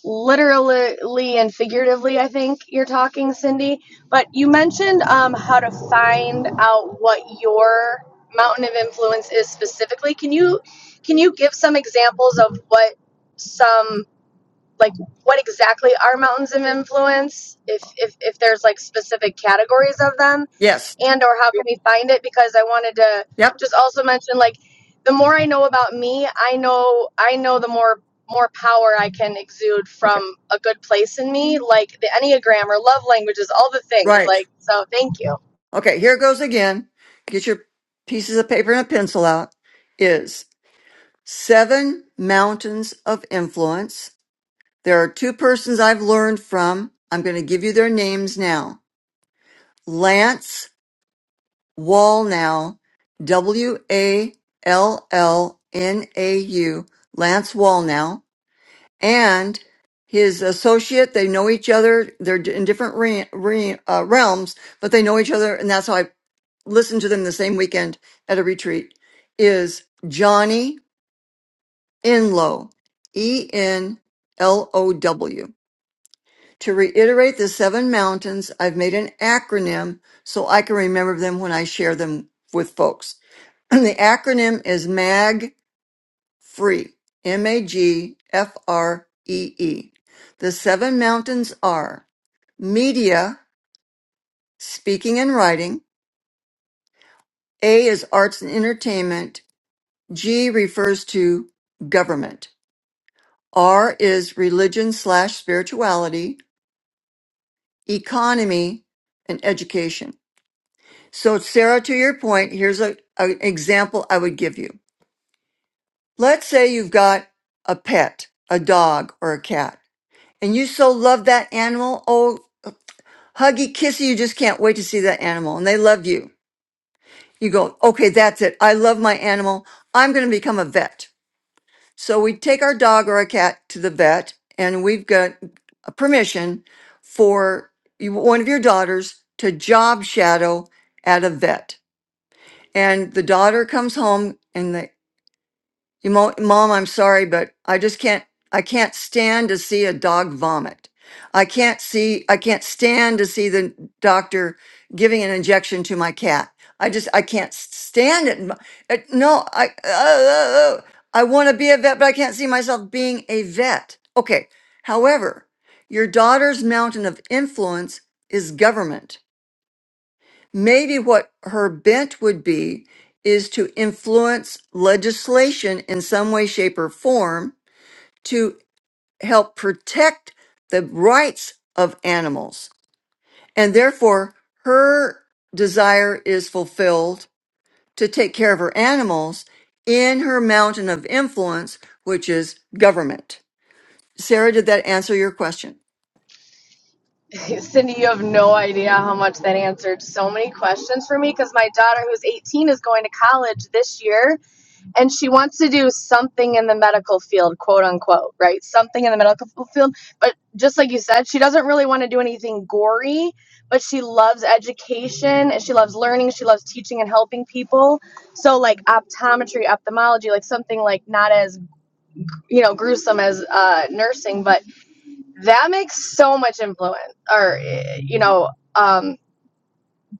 [SPEAKER 4] literally and figuratively i think you're talking cindy but you mentioned um how to find out what your mountain of influence is specifically can you can you give some examples of what some like what exactly are mountains of influence if if if there's like specific categories of them
[SPEAKER 1] Yes.
[SPEAKER 4] and or how can we find it because i wanted to
[SPEAKER 1] Yep.
[SPEAKER 4] just also mention like the more i know about me i know i know the more more power i can exude from
[SPEAKER 1] Okay.
[SPEAKER 4] a good place in me like the enneagram or love languages all the things
[SPEAKER 1] Right.
[SPEAKER 4] like so thank you
[SPEAKER 1] Okay. Here goes again. Get your pieces of paper and a pencil out. Is seven mountains of influence. There are two persons I've learned from. I'm going to give you their names now. Lance Wallnau, W A L L N A U, Lance Wallnau, and his associate. They know each other. They're d- in different re- re- uh, realms, but they know each other, and that's how I listened to them the same weekend at a retreat. Is Johnny Enlow, E N L O W. To reiterate the seven mountains, I've made an acronym so I can remember them when I share them with folks. the acronym is MAG FREE, M A G F R E E. The seven mountains are media, speaking and writing. A is arts and entertainment. G refers to government. R is religion slash spirituality, economy, and education. So, Sarah, to your point, here's a, an example I would give you. Let's say you've got a pet, a dog or a cat. and you so love that animal. Oh, huggy, kissy, you just can't wait to see that animal and they love you. You go, okay, that's it. I love my animal. I'm going to become a vet. So we take our dog or a cat to the vet and we've got a permission for you- one of your daughters to job shadow at a vet. And the daughter comes home and the You mo- mom, I'm sorry, but I just can't I can't stand to see a dog vomit. I can't see I can't stand to see the doctor giving an injection to my cat. I just I can't stand it. M- it- no, I uh, uh, uh, I want to be a vet, but I can't see myself being a vet. Okay. However, your daughter's mountain of influence is government. Maybe what her bent would be is to influence legislation in some way, shape, or form to help protect the rights of animals. And therefore, her desire is fulfilled to take care of her animals in her mountain of influence, which is government. Sarah, did that answer your question?
[SPEAKER 4] cindy you have no idea how much that answered so many questions for me because my daughter who's 18 is going to college this year and she wants to do something in the medical field, quote unquote, right? Something in the medical field. But just like you said, she doesn't really want to do anything gory, but she loves education and she loves learning. She loves teaching and helping people. So, like optometry, ophthalmology, like something like not as, you know, gruesome as uh, nursing, but that makes so much influence or, eh, you know, um,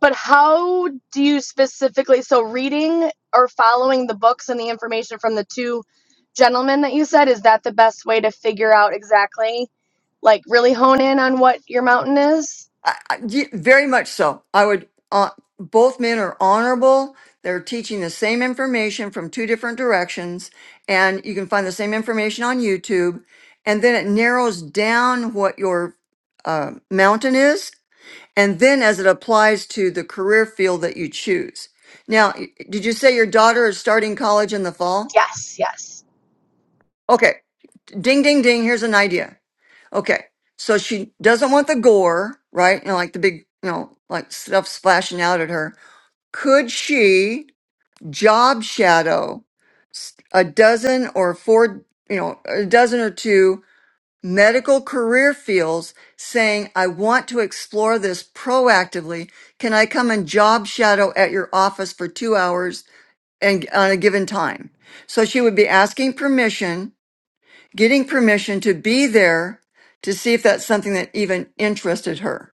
[SPEAKER 4] but how do you specifically so reading or following the books and the information from the two gentlemen that you said is that the best way to figure out exactly like really hone in on what your mountain is?
[SPEAKER 1] I, I- ye- very much so. I would. Uh, both men are honorable. They're teaching the same information from two different directions, and you can find the same information on YouTube. And then it narrows down what your uh, mountain is, and then as it applies to the career field that you choose. Now, y- did you say your daughter is starting college in the fall?
[SPEAKER 4] Yes, yes.
[SPEAKER 1] Okay, ding, ding, ding. Here's an idea. Okay. So she doesn't want the gore, right? You know, like the big, you know, like stuff splashing out at her. Could she job shadow s- a dozen or four, you know, a dozen or two medical career fields saying, I want to explore this proactively. Can I come and job shadow at your office for two hours and on a given time? So she would be asking permission getting permission to be there to see if that's something that even interested her.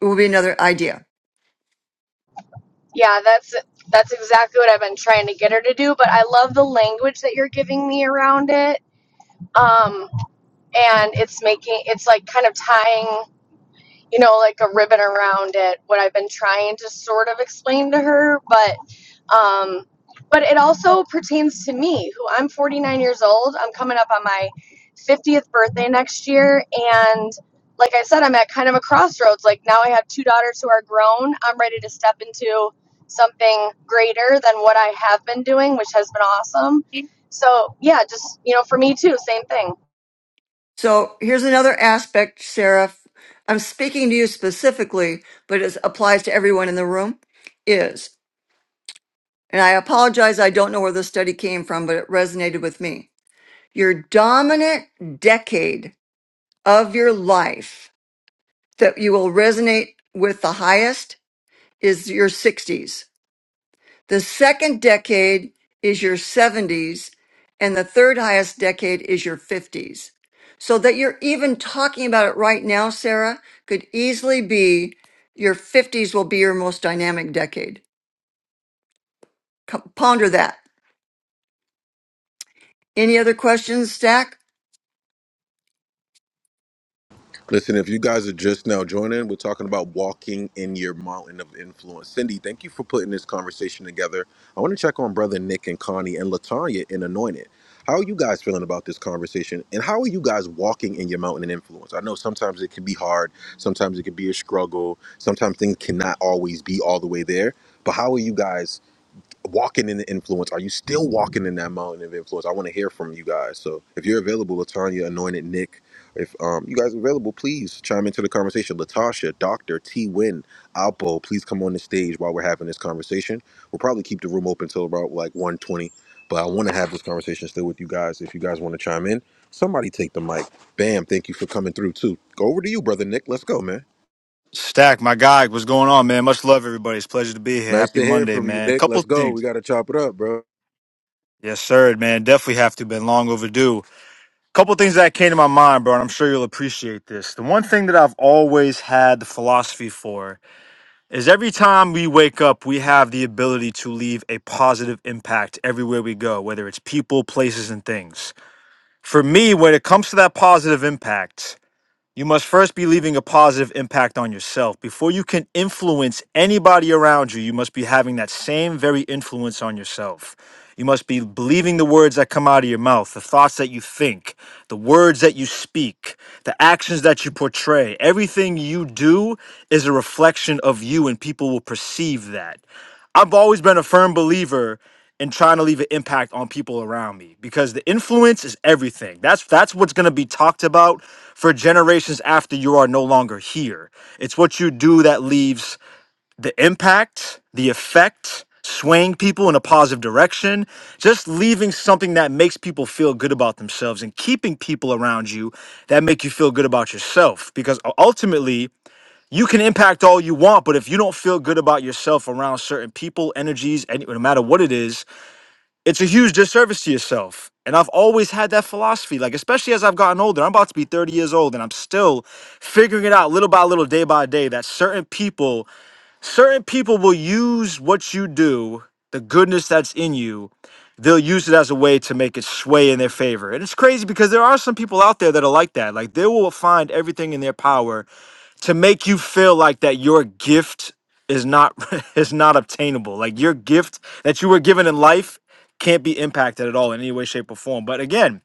[SPEAKER 1] It will be another idea.
[SPEAKER 4] Yeah, that's that's exactly what I've been trying to get her to do, but I love the language that you're giving me around it. Um and it's making it's like kind of tying you know, like a ribbon around it, what I've been trying to sort of explain to her, but um but it also pertains to me, who I'm 49 years old. I'm coming up on my 50th birthday next year and like I said, I'm at kind of a crossroads. Like now I have two daughters who are grown. I'm ready to step into something greater than what I have been doing, which has been awesome. So, yeah, just, you know, for me too, same thing.
[SPEAKER 1] So here's another aspect, Sarah. I'm speaking to you specifically, but it applies to everyone in the room. Is, and I apologize, I don't know where this study came from, but it resonated with me. Your dominant decade of your life that you will resonate with the highest is your 60s. The second decade is your 70s, and the third highest decade is your 50s. So that you're even talking about it right now, Sarah, could easily be your 50s will be your most dynamic decade. Co- Ponder that. Any other questions, Stack?
[SPEAKER 3] Listen, if you guys are just now joining, we're talking about walking in your mountain of influence. Cindy, thank you for putting this conversation together. I want to check on brother Nick and Connie and Latanya in Anointed. How are you guys feeling about this conversation? And how are you guys walking in your mountain of influence? I know sometimes it can be hard, sometimes it can be a struggle, sometimes things cannot always be all the way there. But how are you guys walking in the influence? Are you still walking in that mountain of influence? I want to hear from you guys. So if you're available, Latanya, Anointed Nick, if um, you guys are available, please chime into the conversation. Latasha, Doctor T. Win, Alpo, please come on the stage while we're having this conversation. We'll probably keep the room open till about like 120, but I want to have this conversation still with you guys. If you guys want to chime in, somebody take the mic. Bam! Thank you for coming through too. Go over to you, brother Nick. Let's go, man.
[SPEAKER 6] Stack, my guy, what's going on, man? Much love, everybody. It's a pleasure to be here.
[SPEAKER 3] Nice
[SPEAKER 6] Happy
[SPEAKER 3] to hear
[SPEAKER 6] Monday,
[SPEAKER 3] from you,
[SPEAKER 6] man.
[SPEAKER 3] Nick.
[SPEAKER 6] Couple
[SPEAKER 3] Let's go. We
[SPEAKER 6] things.
[SPEAKER 3] got to chop it up, bro.
[SPEAKER 6] Yes, sir, man. Definitely have to. Been long overdue. Couple things that came to my mind, bro, and I'm sure you'll appreciate this. The one thing that I've always had the philosophy for is every time we wake up, we have the ability to leave a positive impact everywhere we go, whether it's people, places, and things. For me, when it comes to that positive impact, You must first be leaving a positive impact on yourself. Before you can influence anybody around you, you must be having that same very influence on yourself. You must be believing the words that come out of your mouth, the thoughts that you think, the words that you speak, the actions that you portray. Everything you do is a reflection of you, and people will perceive that. I've always been a firm believer in trying to leave an impact on people around me because the influence is everything. That's that's what's going to be talked about for generations after you are no longer here. It's what you do that leaves the impact, the effect, swaying people in a positive direction, just leaving something that makes people feel good about themselves and keeping people around you that make you feel good about yourself. Because u- ultimately, you can impact all you want, but if you don't feel good about yourself around certain people, energies, any, no matter what it is, it's a huge disservice to yourself. And I've always had that philosophy, like, especially as I've gotten older, I'm about to be 30 years old and I'm still figuring it out little by little, day by day, that certain people certain people will use what you do, the goodness that's in you, they'll use it as a way to make it sway in their favor. And it's crazy because there are some people out there that are like that. Like they will find everything in their power to make you feel like that your gift is not is not obtainable. Like your gift that you were given in life can't be impacted at all in any way shape or form. But again,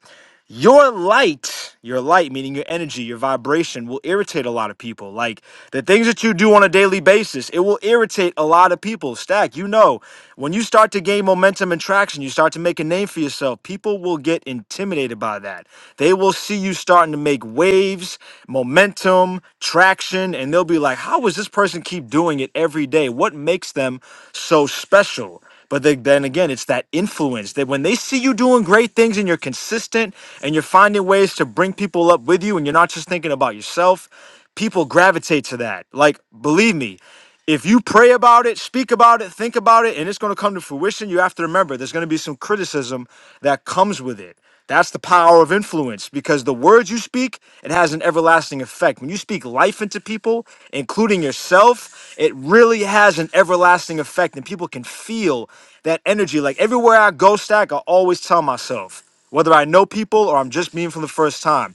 [SPEAKER 6] your light, your light, meaning your energy, your vibration, will irritate a lot of people. Like the things that you do on a daily basis, it will irritate a lot of people. Stack, you know, when you start to gain momentum and traction, you start to make a name for yourself, people will get intimidated by that. They will see you starting to make waves, momentum, traction, and they'll be like, how does this person keep doing it every day? What makes them so special? But they, then again, it's that influence that when they see you doing great things and you're consistent and you're finding ways to bring people up with you and you're not just thinking about yourself, people gravitate to that. Like, believe me, if you pray about it, speak about it, think about it, and it's going to come to fruition, you have to remember there's going to be some criticism that comes with it. That's the power of influence because the words you speak, it has an everlasting effect. When you speak life into people, including yourself, it really has an everlasting effect and people can feel that energy. Like everywhere I go, Stack, I always tell myself, whether I know people or I'm just meeting for the first time,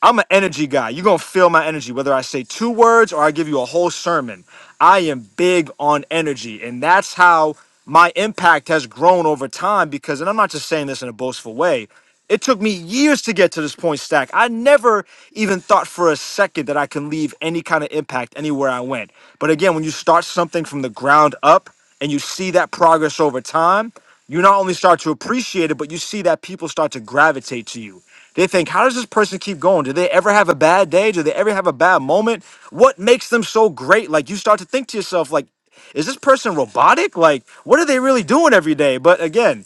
[SPEAKER 6] I'm an energy guy. You're gonna feel my energy, whether I say two words or I give you a whole sermon. I am big on energy, and that's how my impact has grown over time. Because, and I'm not just saying this in a boastful way. It took me years to get to this point, Stack. I never even thought for a second that I can leave any kind of impact anywhere I went. But again, when you start something from the ground up, and you see that progress over time, you not only start to appreciate it, but you see that people start to gravitate to you. They think, how does this person keep going? Do they ever have a bad day? Do they ever have a bad moment? What makes them so great? Like you start to think to yourself, like, is this person robotic? Like, what are they really doing every day? But again,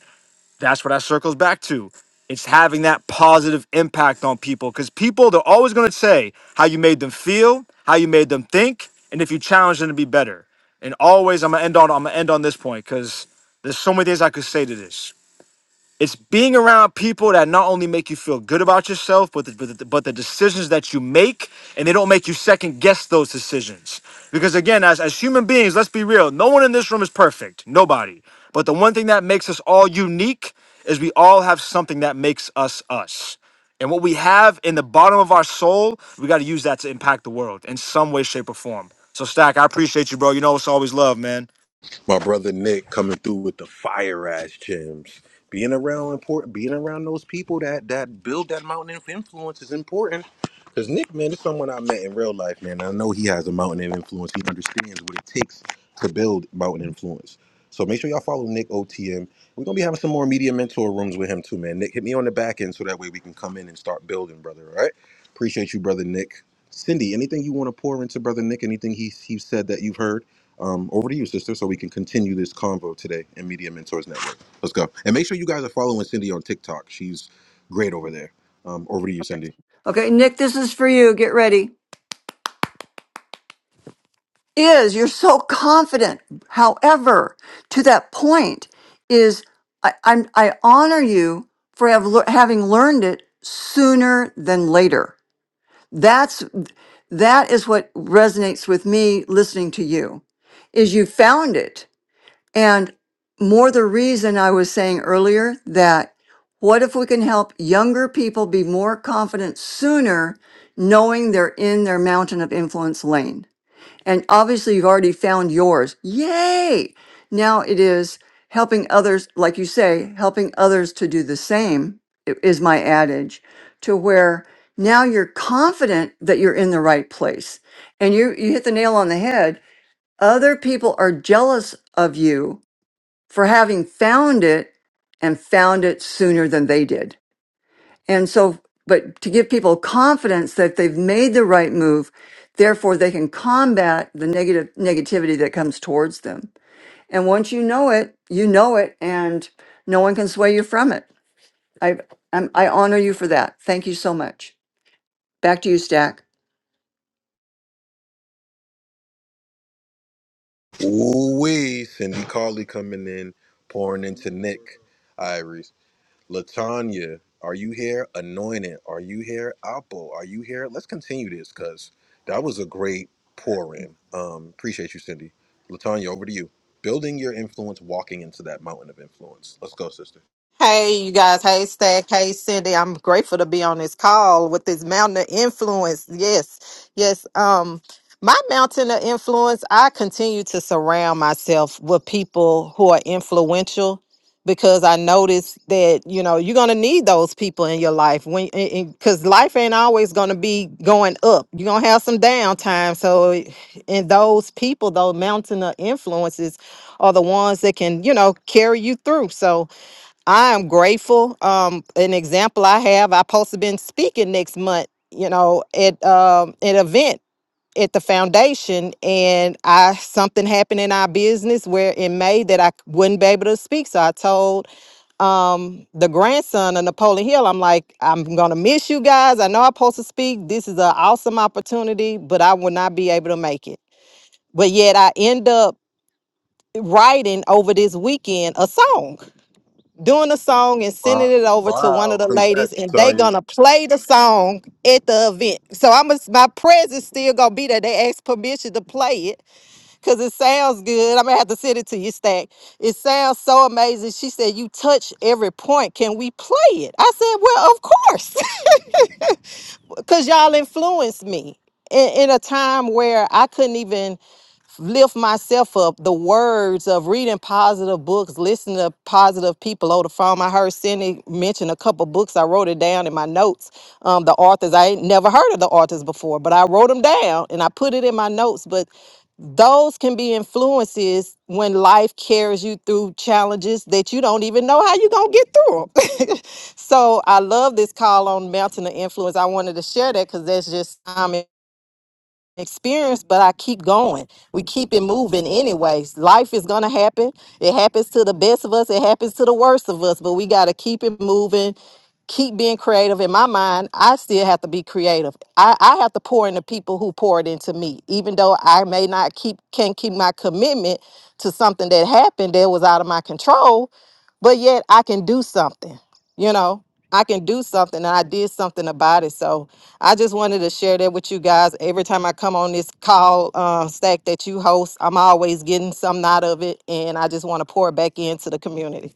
[SPEAKER 6] that's what that circles back to. It's having that positive impact on people because people, they're always going to say how you made them feel, how you made them think, and if you challenge them to be better. And always, I'm gonna end on, I'm gonna end on this point because there's so many things I could say to this it's being around people that not only make you feel good about yourself, but the, but, the, but the decisions that you make, and they don't make you second guess those decisions. Because again, as, as human beings, let's be real, no one in this room is perfect. Nobody. But the one thing that makes us all unique is we all have something that makes us us. And what we have in the bottom of our soul, we got to use that to impact the world in some way, shape, or form. So, Stack, I appreciate you, bro. You know it's always love, man.
[SPEAKER 3] my brother Nick coming through with the fire ass gems. Being around important, being around those people that that build that mountain of influence is important Cause Nick, man, is someone I met in real life, man. I know he has a mountain of influence. He understands what it takes to build mountain influence. So make sure y'all follow Nick OTM. We're gonna be having some more media mentor rooms with him too, man. Nick, hit me on the back end so that way we can come in and start building, brother. All right. Appreciate you, brother Nick. Cindy, anything you want to pour into brother Nick? Anything he he said that you've heard? Um, over to you, sister, so we can continue this convo today in Media Mentors Network. Let's go. And make sure you guys are following Cindy on TikTok. She's great over there. Um, over to you, Cindy.
[SPEAKER 1] Okay, Nick, this is for you. Get ready. Is you're so confident. However, to that point, is I, I'm, I honor you for have, lear- having learned it sooner than later. That's that is what resonates with me listening to you is you found it. And more the reason I was saying earlier that what if we can help younger people be more confident sooner knowing they're in their mountain of influence lane? And obviously, you've already found yours. Yay! Now it is helping others, like you say, helping others to do the same i- is my adage to where now you're confident that you're in the right place. And you, you hit the nail on the head. Other people are jealous of you for having found it and found it sooner than they did. And so, but to give people confidence that they've made the right move, therefore they can combat the negative negativity that comes towards them. And once you know it, you know it, and no one can sway you from it. I I'm, I honor you for that. Thank you so much. Back to you, Stack.
[SPEAKER 3] Ooh-wee, Cindy Carley coming in, pouring into Nick, Iris, Latanya, are you here? Anointed, are you here? Apple, are you here? Let's continue this because that was a great pour in. Um, appreciate you, Cindy. Latanya, over to you. Building your influence, walking into that mountain of influence. Let's go, sister.
[SPEAKER 7] Hey, you guys. Hey, Stack. Hey, Cindy. I'm grateful to be on this call with this mountain of influence. Yes, yes. Um, my mountain of influence, I continue to surround myself with people who are influential because I notice that, you know, you're going to need those people in your life when, because life ain't always going to be going up. You're going to have some downtime. So, and those people, those mountain of influences are the ones that can, you know, carry you through. So, I am grateful. Um, an example I have, I supposed to been speaking next month, you know, at um an event at the foundation, and I something happened in our business where in May that I wouldn't be able to speak. So I told um the grandson of Napoleon Hill, I'm like, I'm gonna miss you guys. I know I'm supposed to speak. This is an awesome opportunity, but I will not be able to make it. But yet I end up writing over this weekend a song doing the song and sending
[SPEAKER 3] Wow,
[SPEAKER 7] it over to one of
[SPEAKER 3] wow.
[SPEAKER 7] the
[SPEAKER 3] congrats,
[SPEAKER 7] ladies, and they
[SPEAKER 3] Latanya.
[SPEAKER 7] gonna play the song at the event. So I'm a, my presence still gonna be there. They ask permission to play it because it sounds good. I'm gonna have to send it to you, Stack. It sounds so amazing. She said, "You touch every point. Can we play it?" I said, "Well, of course, because y'all influenced me." In, in a time where I couldn't even lift myself up. The words of reading positive books, listening to positive people over the phone. I heard Cindy mention a couple books. I wrote it down in my notes. Um, the authors, I ain't never heard of the authors before, but I wrote them down and I put it in my notes. But those can be influences when life carries you through challenges that you don't even know how you're going to get through them. so I love this call on Mountain of Influence. I wanted to share that because that's just time experience, but I keep going. We keep it moving anyways. Life is going to happen. It happens to the best of us, it happens to the worst of us, but we got to keep it moving. Keep being creative. In my mind, I still have to be creative. I, I have to pour into people who poured into me. Even though I may not keep can keep my commitment to something that happened that was out of my control, but yet I can do something you know i can do something and i did something about it so i just wanted to share that with you guys every time i come on this call uh, stack that you host i'm always getting something out of it and i just want to pour back into the community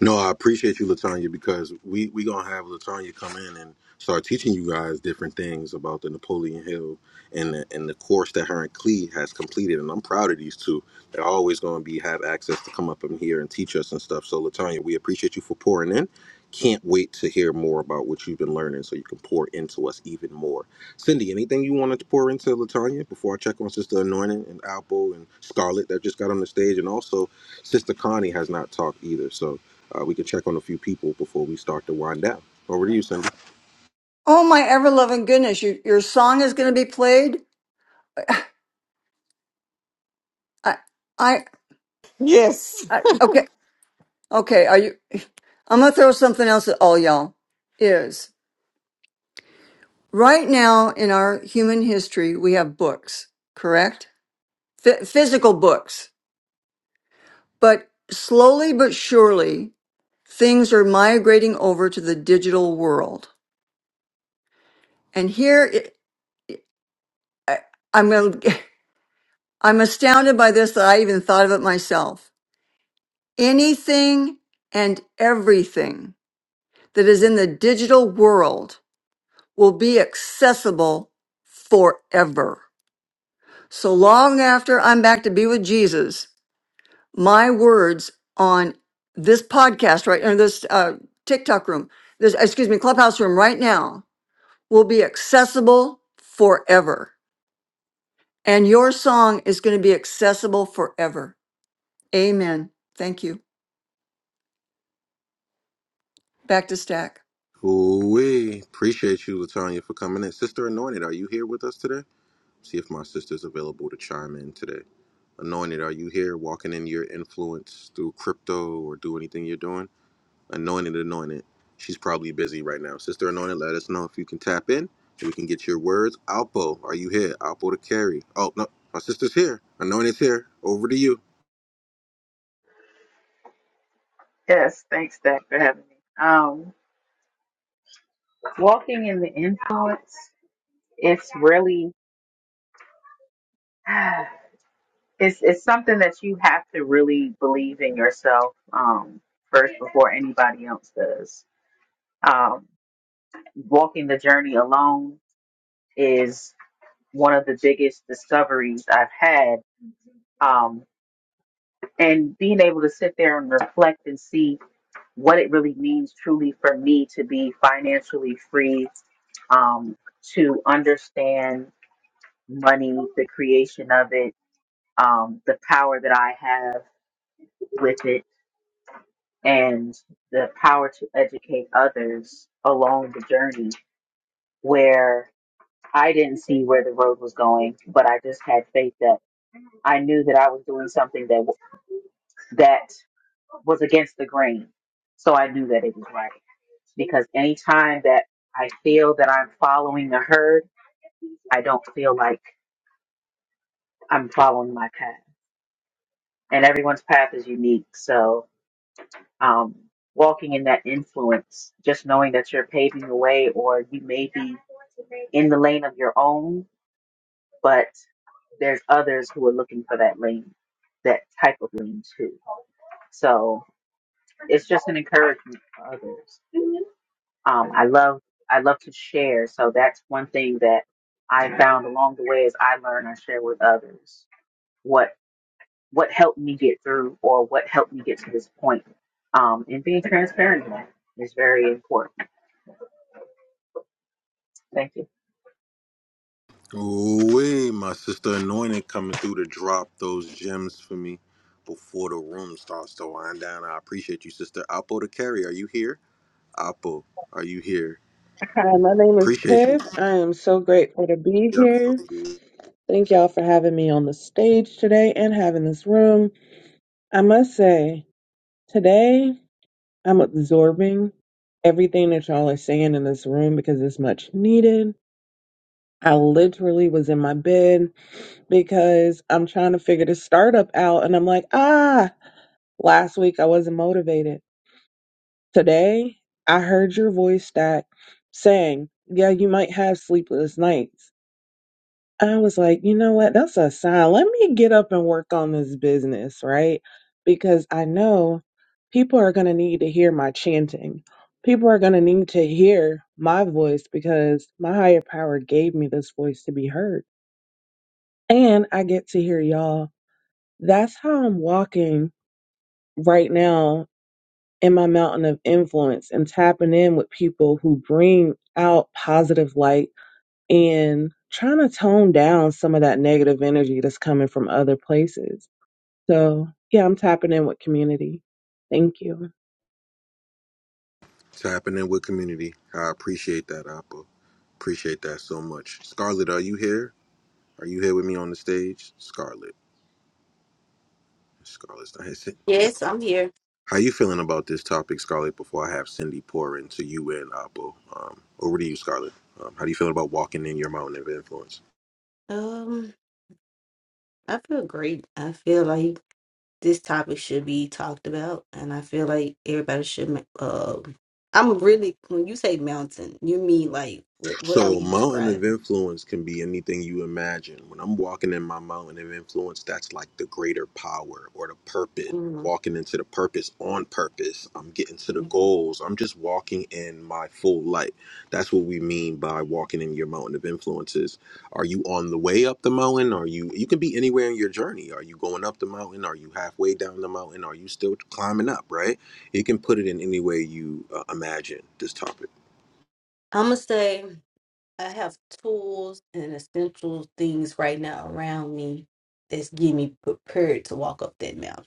[SPEAKER 3] No, I appreciate you, Latanya, because we we gonna have Latanya come in and start teaching you guys different things about the Napoleon Hill and the, and the course that her and Clee has completed. And I'm proud of these two. They're always gonna be have access to come up in here and teach us and stuff. So, Latanya, we appreciate you for pouring in. Can't wait to hear more about what you've been learning, so you can pour into us even more. Cindy, anything you wanted to pour into Latanya before I check on Sister Anointing and Alpo and Scarlet that just got on the stage, and also Sister Connie has not talked either, so uh, we can check on a few people before we start to wind down. Over to you, Cindy.
[SPEAKER 1] Oh my ever loving goodness! You, your song is going to be played. I I
[SPEAKER 7] Yes.
[SPEAKER 1] okay okay. Are you? I'm gonna throw something else at all y'all. Is Right now in our human history, we have books, correct? Phy- physical books. But slowly but surely, things are migrating over to the digital world. And here it, I'm gonna, I'm astounded by this that I even thought of it myself. Anything and everything that is in the digital world will be accessible forever. So long after I'm back to be with Jesus, my words on this podcast right or this uh, TikTok room, this excuse me, clubhouse room right now will be accessible forever. And your song is going to be accessible forever. Amen. Thank you. Back to Stack.
[SPEAKER 3] We appreciate you, Latanya, for coming in. Sister Anointed, are you here with us today? See if my sister's available to chime in today. Anointed, are you here walking in your influence through crypto or do anything you're doing? Anointed, anointed. She's probably busy right now. Sister Anointed, let us know if you can tap in and we can get your words. Alpo, are you here? Alpo to carry. Oh, no, my sister's here. Anointed's here. Over to you.
[SPEAKER 8] Yes, thanks, Dad, for having me. Um, walking in the influence, it's really, it's it's something that you have to really believe in yourself um, first before anybody else does. Um, walking the journey alone is one of the biggest discoveries I've had, um, and being able to sit there and reflect and see what it really means truly for me to be financially free um, to understand money, the creation of it, um, the power that I have with it, and the power to educate others along the journey where I didn't see where the road was going, but I just had faith that I knew that I was doing something that that was against the grain. So I knew that it was right because anytime that I feel that I'm following the herd, I don't feel like I'm following my path. And everyone's path is unique. So um, walking in that influence, just knowing that you're paving the way or you may be in the lane of your own, but there's others who are looking for that lane, that type of lane too. So it's just an encouragement for others. Um, I love I love to share, so that's one thing that I found along the way as I learn, I share with others what what helped me get through or what helped me get to this point. Um, and being transparent in that is very important. Thank you.
[SPEAKER 3] Ooh, my sister anointed coming through to drop those gems for me before the room starts to wind down. I appreciate you, sister. Apple to carry, are you here? Apple, are you here?
[SPEAKER 9] Hi, my name is
[SPEAKER 3] Appreciate you.
[SPEAKER 9] Tiff. I am so grateful to be
[SPEAKER 3] Yep.
[SPEAKER 9] here.
[SPEAKER 3] oh, yeah.
[SPEAKER 9] Thank y'all for having me on the stage today and having this room. I must say, today I'm absorbing everything that y'all are saying in this room because it's much needed. I literally was in my bed because I'm trying to figure the startup out and I'm like, ah, last week I wasn't motivated. Today I heard your voice that saying, yeah, you might have sleepless nights I was like, you know what? That's a sign. Let me get up and work on this business, right? Because I know people are going to need to hear my chanting. People are going to need to hear my voice because my higher power gave me this voice to be heard. And I get to hear y'all. That's how I'm walking right now in my mountain of influence and tapping in with people who bring out positive light and trying to tone down some of that negative energy that's coming from other places. So, yeah, I'm tapping in with community. Thank you.
[SPEAKER 3] It's happening with community. I appreciate that, Apple. Appreciate that so much. Scarlett, are you here? Are you here with me on the stage? Scarlett. Scarlett's not here. Yep.
[SPEAKER 10] Yes, I'm here.
[SPEAKER 3] How you feeling about this topic, Scarlett? Before I have Cindy pour into you and Abu, um, over to you, Scarlett. Um, how do you feel about walking in your mountain of influence?
[SPEAKER 10] Um, I feel great. I feel like this topic should be talked about, and I feel like everybody should. ma- Um, I'm really when you say mountain, you mean like what? What are
[SPEAKER 3] So,
[SPEAKER 10] you
[SPEAKER 3] mountain of
[SPEAKER 10] describing?
[SPEAKER 3] influence can be anything you imagine. When I'm walking in my mountain of influence, that's like the greater power or the purpose.
[SPEAKER 10] Mm-hmm.
[SPEAKER 3] Walking into the purpose on purpose. I'm getting to the
[SPEAKER 10] I'm
[SPEAKER 3] goals. I'm just walking in my full light. That's what we mean by walking in your mountain of influences. Are you on the way up the mountain? Are you you can be anywhere in your journey. Are you going up the mountain? Are you halfway down the mountain? Are you still climbing up, right? You can put it in any way you uh, imagine this topic.
[SPEAKER 10] gonna say I have tools and essential things right now around me that's getting me prepared to walk up that mountain.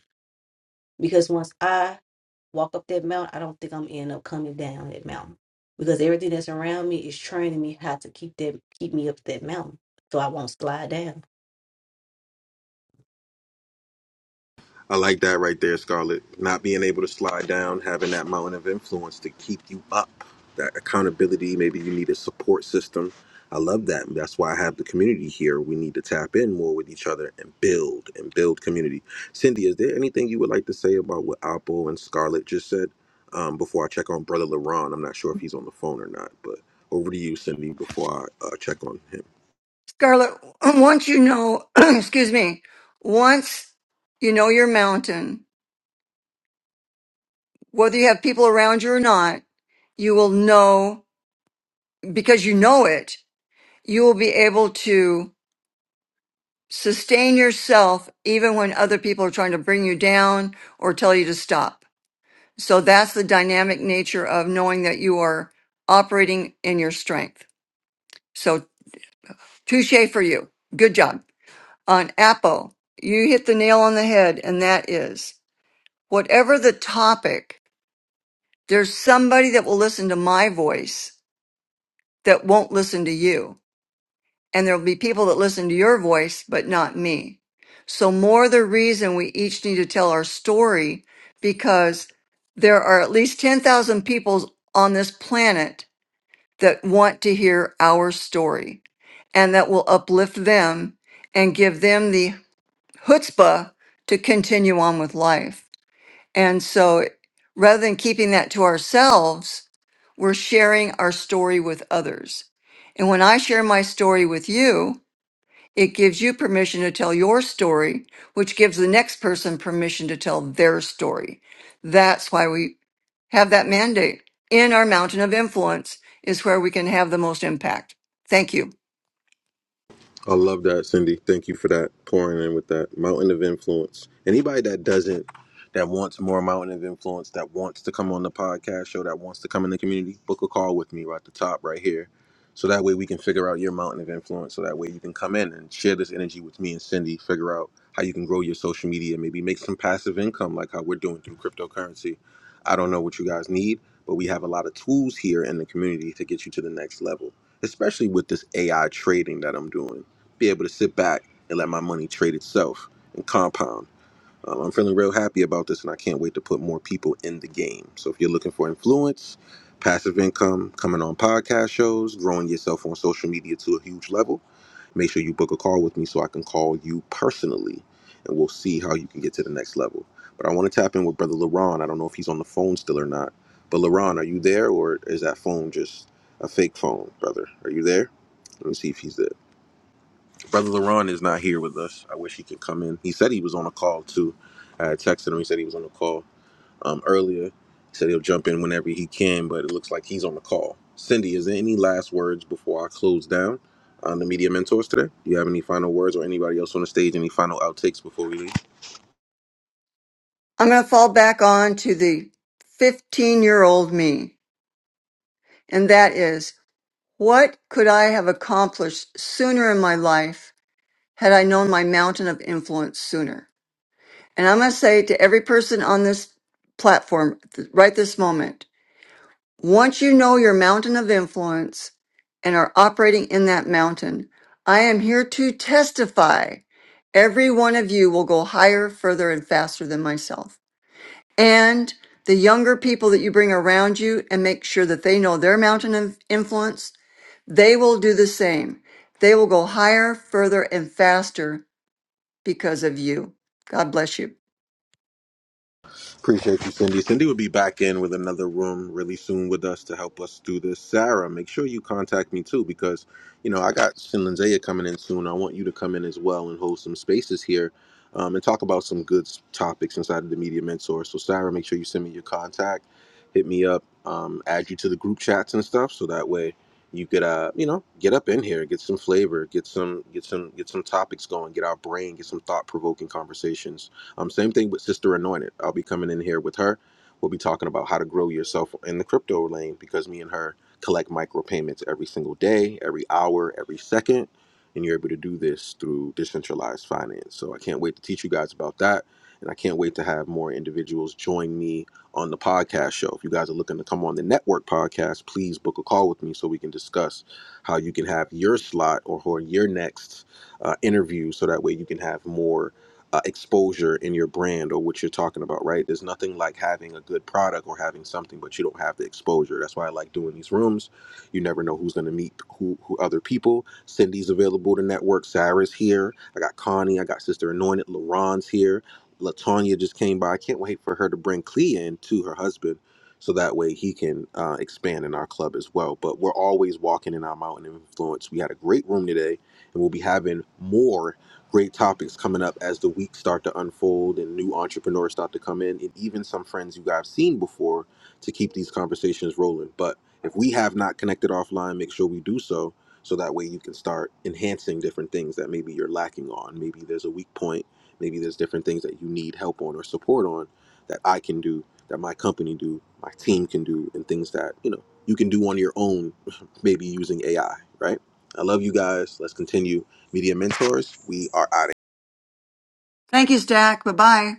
[SPEAKER 10] Because once I walk up that mountain, I don't think I'm end up coming down that mountain because everything that's around me is training me how to keep that keep me up that mountain so I won't slide down.
[SPEAKER 3] I like that right there, Scarlett. Not being able to slide down, having that mountain of influence to keep you up. That accountability, maybe you need a support system. I love that. That's why I have the community here. We need to tap in more with each other and build and build community. Cindy, is there anything you would like to say about what Apple and Scarlett just said um, before I check on Brother LaRon? I'm not sure if he's on the phone or not, but over to you, Cindy, before I uh, check on him.
[SPEAKER 1] Scarlett, once you know, excuse me, once you know your mountain, whether you have people around you or not, you will know because you know it, you will be able to sustain yourself even when other people are trying to bring you down or tell you to stop. So that's the dynamic nature of knowing that you are operating in your strength. So touche for you. Good job. On Apple, you hit the nail on the head, and that is whatever the topic, there's somebody that will listen to my voice that won't listen to you. and there'll be people that listen to your voice, but not me. So, more the reason we each need to tell our story because there are at least 10,000 people on this planet that want to hear our story and that will uplift them and give them the chutzpah to continue on with life. And so, rather than keeping that to ourselves, we're sharing our story with others. And when I share my story with you, it gives you permission to tell your story, which gives the next person permission to tell their story. That's why we have that mandate in our mountain of influence is where we can have the most impact. Thank you.
[SPEAKER 3] I love that, Cindy. Thank you for that pouring in with that mountain of influence. Anybody that doesn't, that wants more mountain of influence, that wants to come on the podcast show, that wants to come in the community, book a call with me right at the top, right here. So that way we can figure out your mountain of influence. So that way you can come in and share this energy with me and Cindy, figure out how you can grow your social media, maybe make some passive income like how we're doing through cryptocurrency. I don't know what you guys need, but we have a lot of tools here in the community to get you to the next level, especially with this AI trading that I'm doing be able to sit back and let my money trade itself and compound. Um, I'm feeling real happy about this, and I can't wait to put more people in the game. So if you're looking for influence, passive income, coming on podcast shows, growing yourself on social media to a huge level, make sure you book a call with me so I can call you personally, and we'll see how you can get to the next level. But I want to tap in with Brother LaRon. I don't know if he's on the phone still or not. But LaRon, are you there, or is that phone just a fake phone, brother? Are you there? Let me see if he's there. Brother LaRon is not here with us. I wish he could come in. He said he was on a call too. I had texted him. He said he was on a call um, earlier. He said he'll jump in whenever he can, but it looks like he's on the call. Cindy, is there any last words before I close down on the media mentors today? Do you have any final words or anybody else on the stage? Any final outtakes before we leave?
[SPEAKER 1] I'm going to fall back on to the 15 year old me. And that is what could I have accomplished sooner in my life had I known my mountain of influence sooner? And I'm going to say to every person on this platform th- right this moment, Once you know your mountain of influence and are operating in that mountain, I am here to testify. Every one of you will go higher, further, and faster than myself. And the younger people that you bring around you and make sure that they know their mountain of influence, they will do the same. They will go higher, further, and faster because of you. God bless you.
[SPEAKER 3] Appreciate you, Cindy. Cindy will be back in with another room really soon with us to help us do this. Sarah, make sure you contact me too because, you know, I got Shinlanzea coming in soon. I want you to come in as well and hold some spaces here um, and talk about some good s- topics inside of the Media Mentor. So, Sarah, make sure you send me your contact, hit me up, um, add you to the group chats and stuff so that way you could uh you know get up in here get some flavor get some get some get some topics going get our brain get some thought-provoking conversations um, same thing with Sister Anointed. I'll be coming in here with her. We'll be talking about how to grow yourself in the crypto lane because me and her collect micropayments every single day, every hour, every second. And you're able to do this through decentralized finance. So I can't wait to teach you guys about that. And I can't wait to have more individuals join me on the podcast show. If you guys are looking to come on the network podcast, please book a call with me so we can discuss how you can have your slot or, or your next uh, interview so that way you can have more uh, exposure in your brand or what you're talking about, right? There's nothing like having a good product or having something, but you don't have the exposure. That's why I like doing these rooms. You never know who's going to meet who, who other people. Cindy's available to network. Sarah's here. I got Connie. I got Sister Anointed. LaRon's here. Latonya just came by. I can't wait for her to bring Clea in to her husband. So that way he can uh, expand in our club as well. But we're always walking in our mountain of influence. We had a great room today, and we'll be having more great topics coming up as the weeks start to unfold and new entrepreneurs start to come in and even some friends you guys seen before to keep these conversations rolling but if we have not connected offline make sure we do so so that way you can start enhancing different things that maybe you're lacking on maybe there's a weak point maybe there's different things that you need help on or support on that i can do that my company do my team can do and things that you know you can do on your own maybe using ai right i love you guys let's continue Media Mentors. We are out
[SPEAKER 1] Thank you, Stack. Bye bye.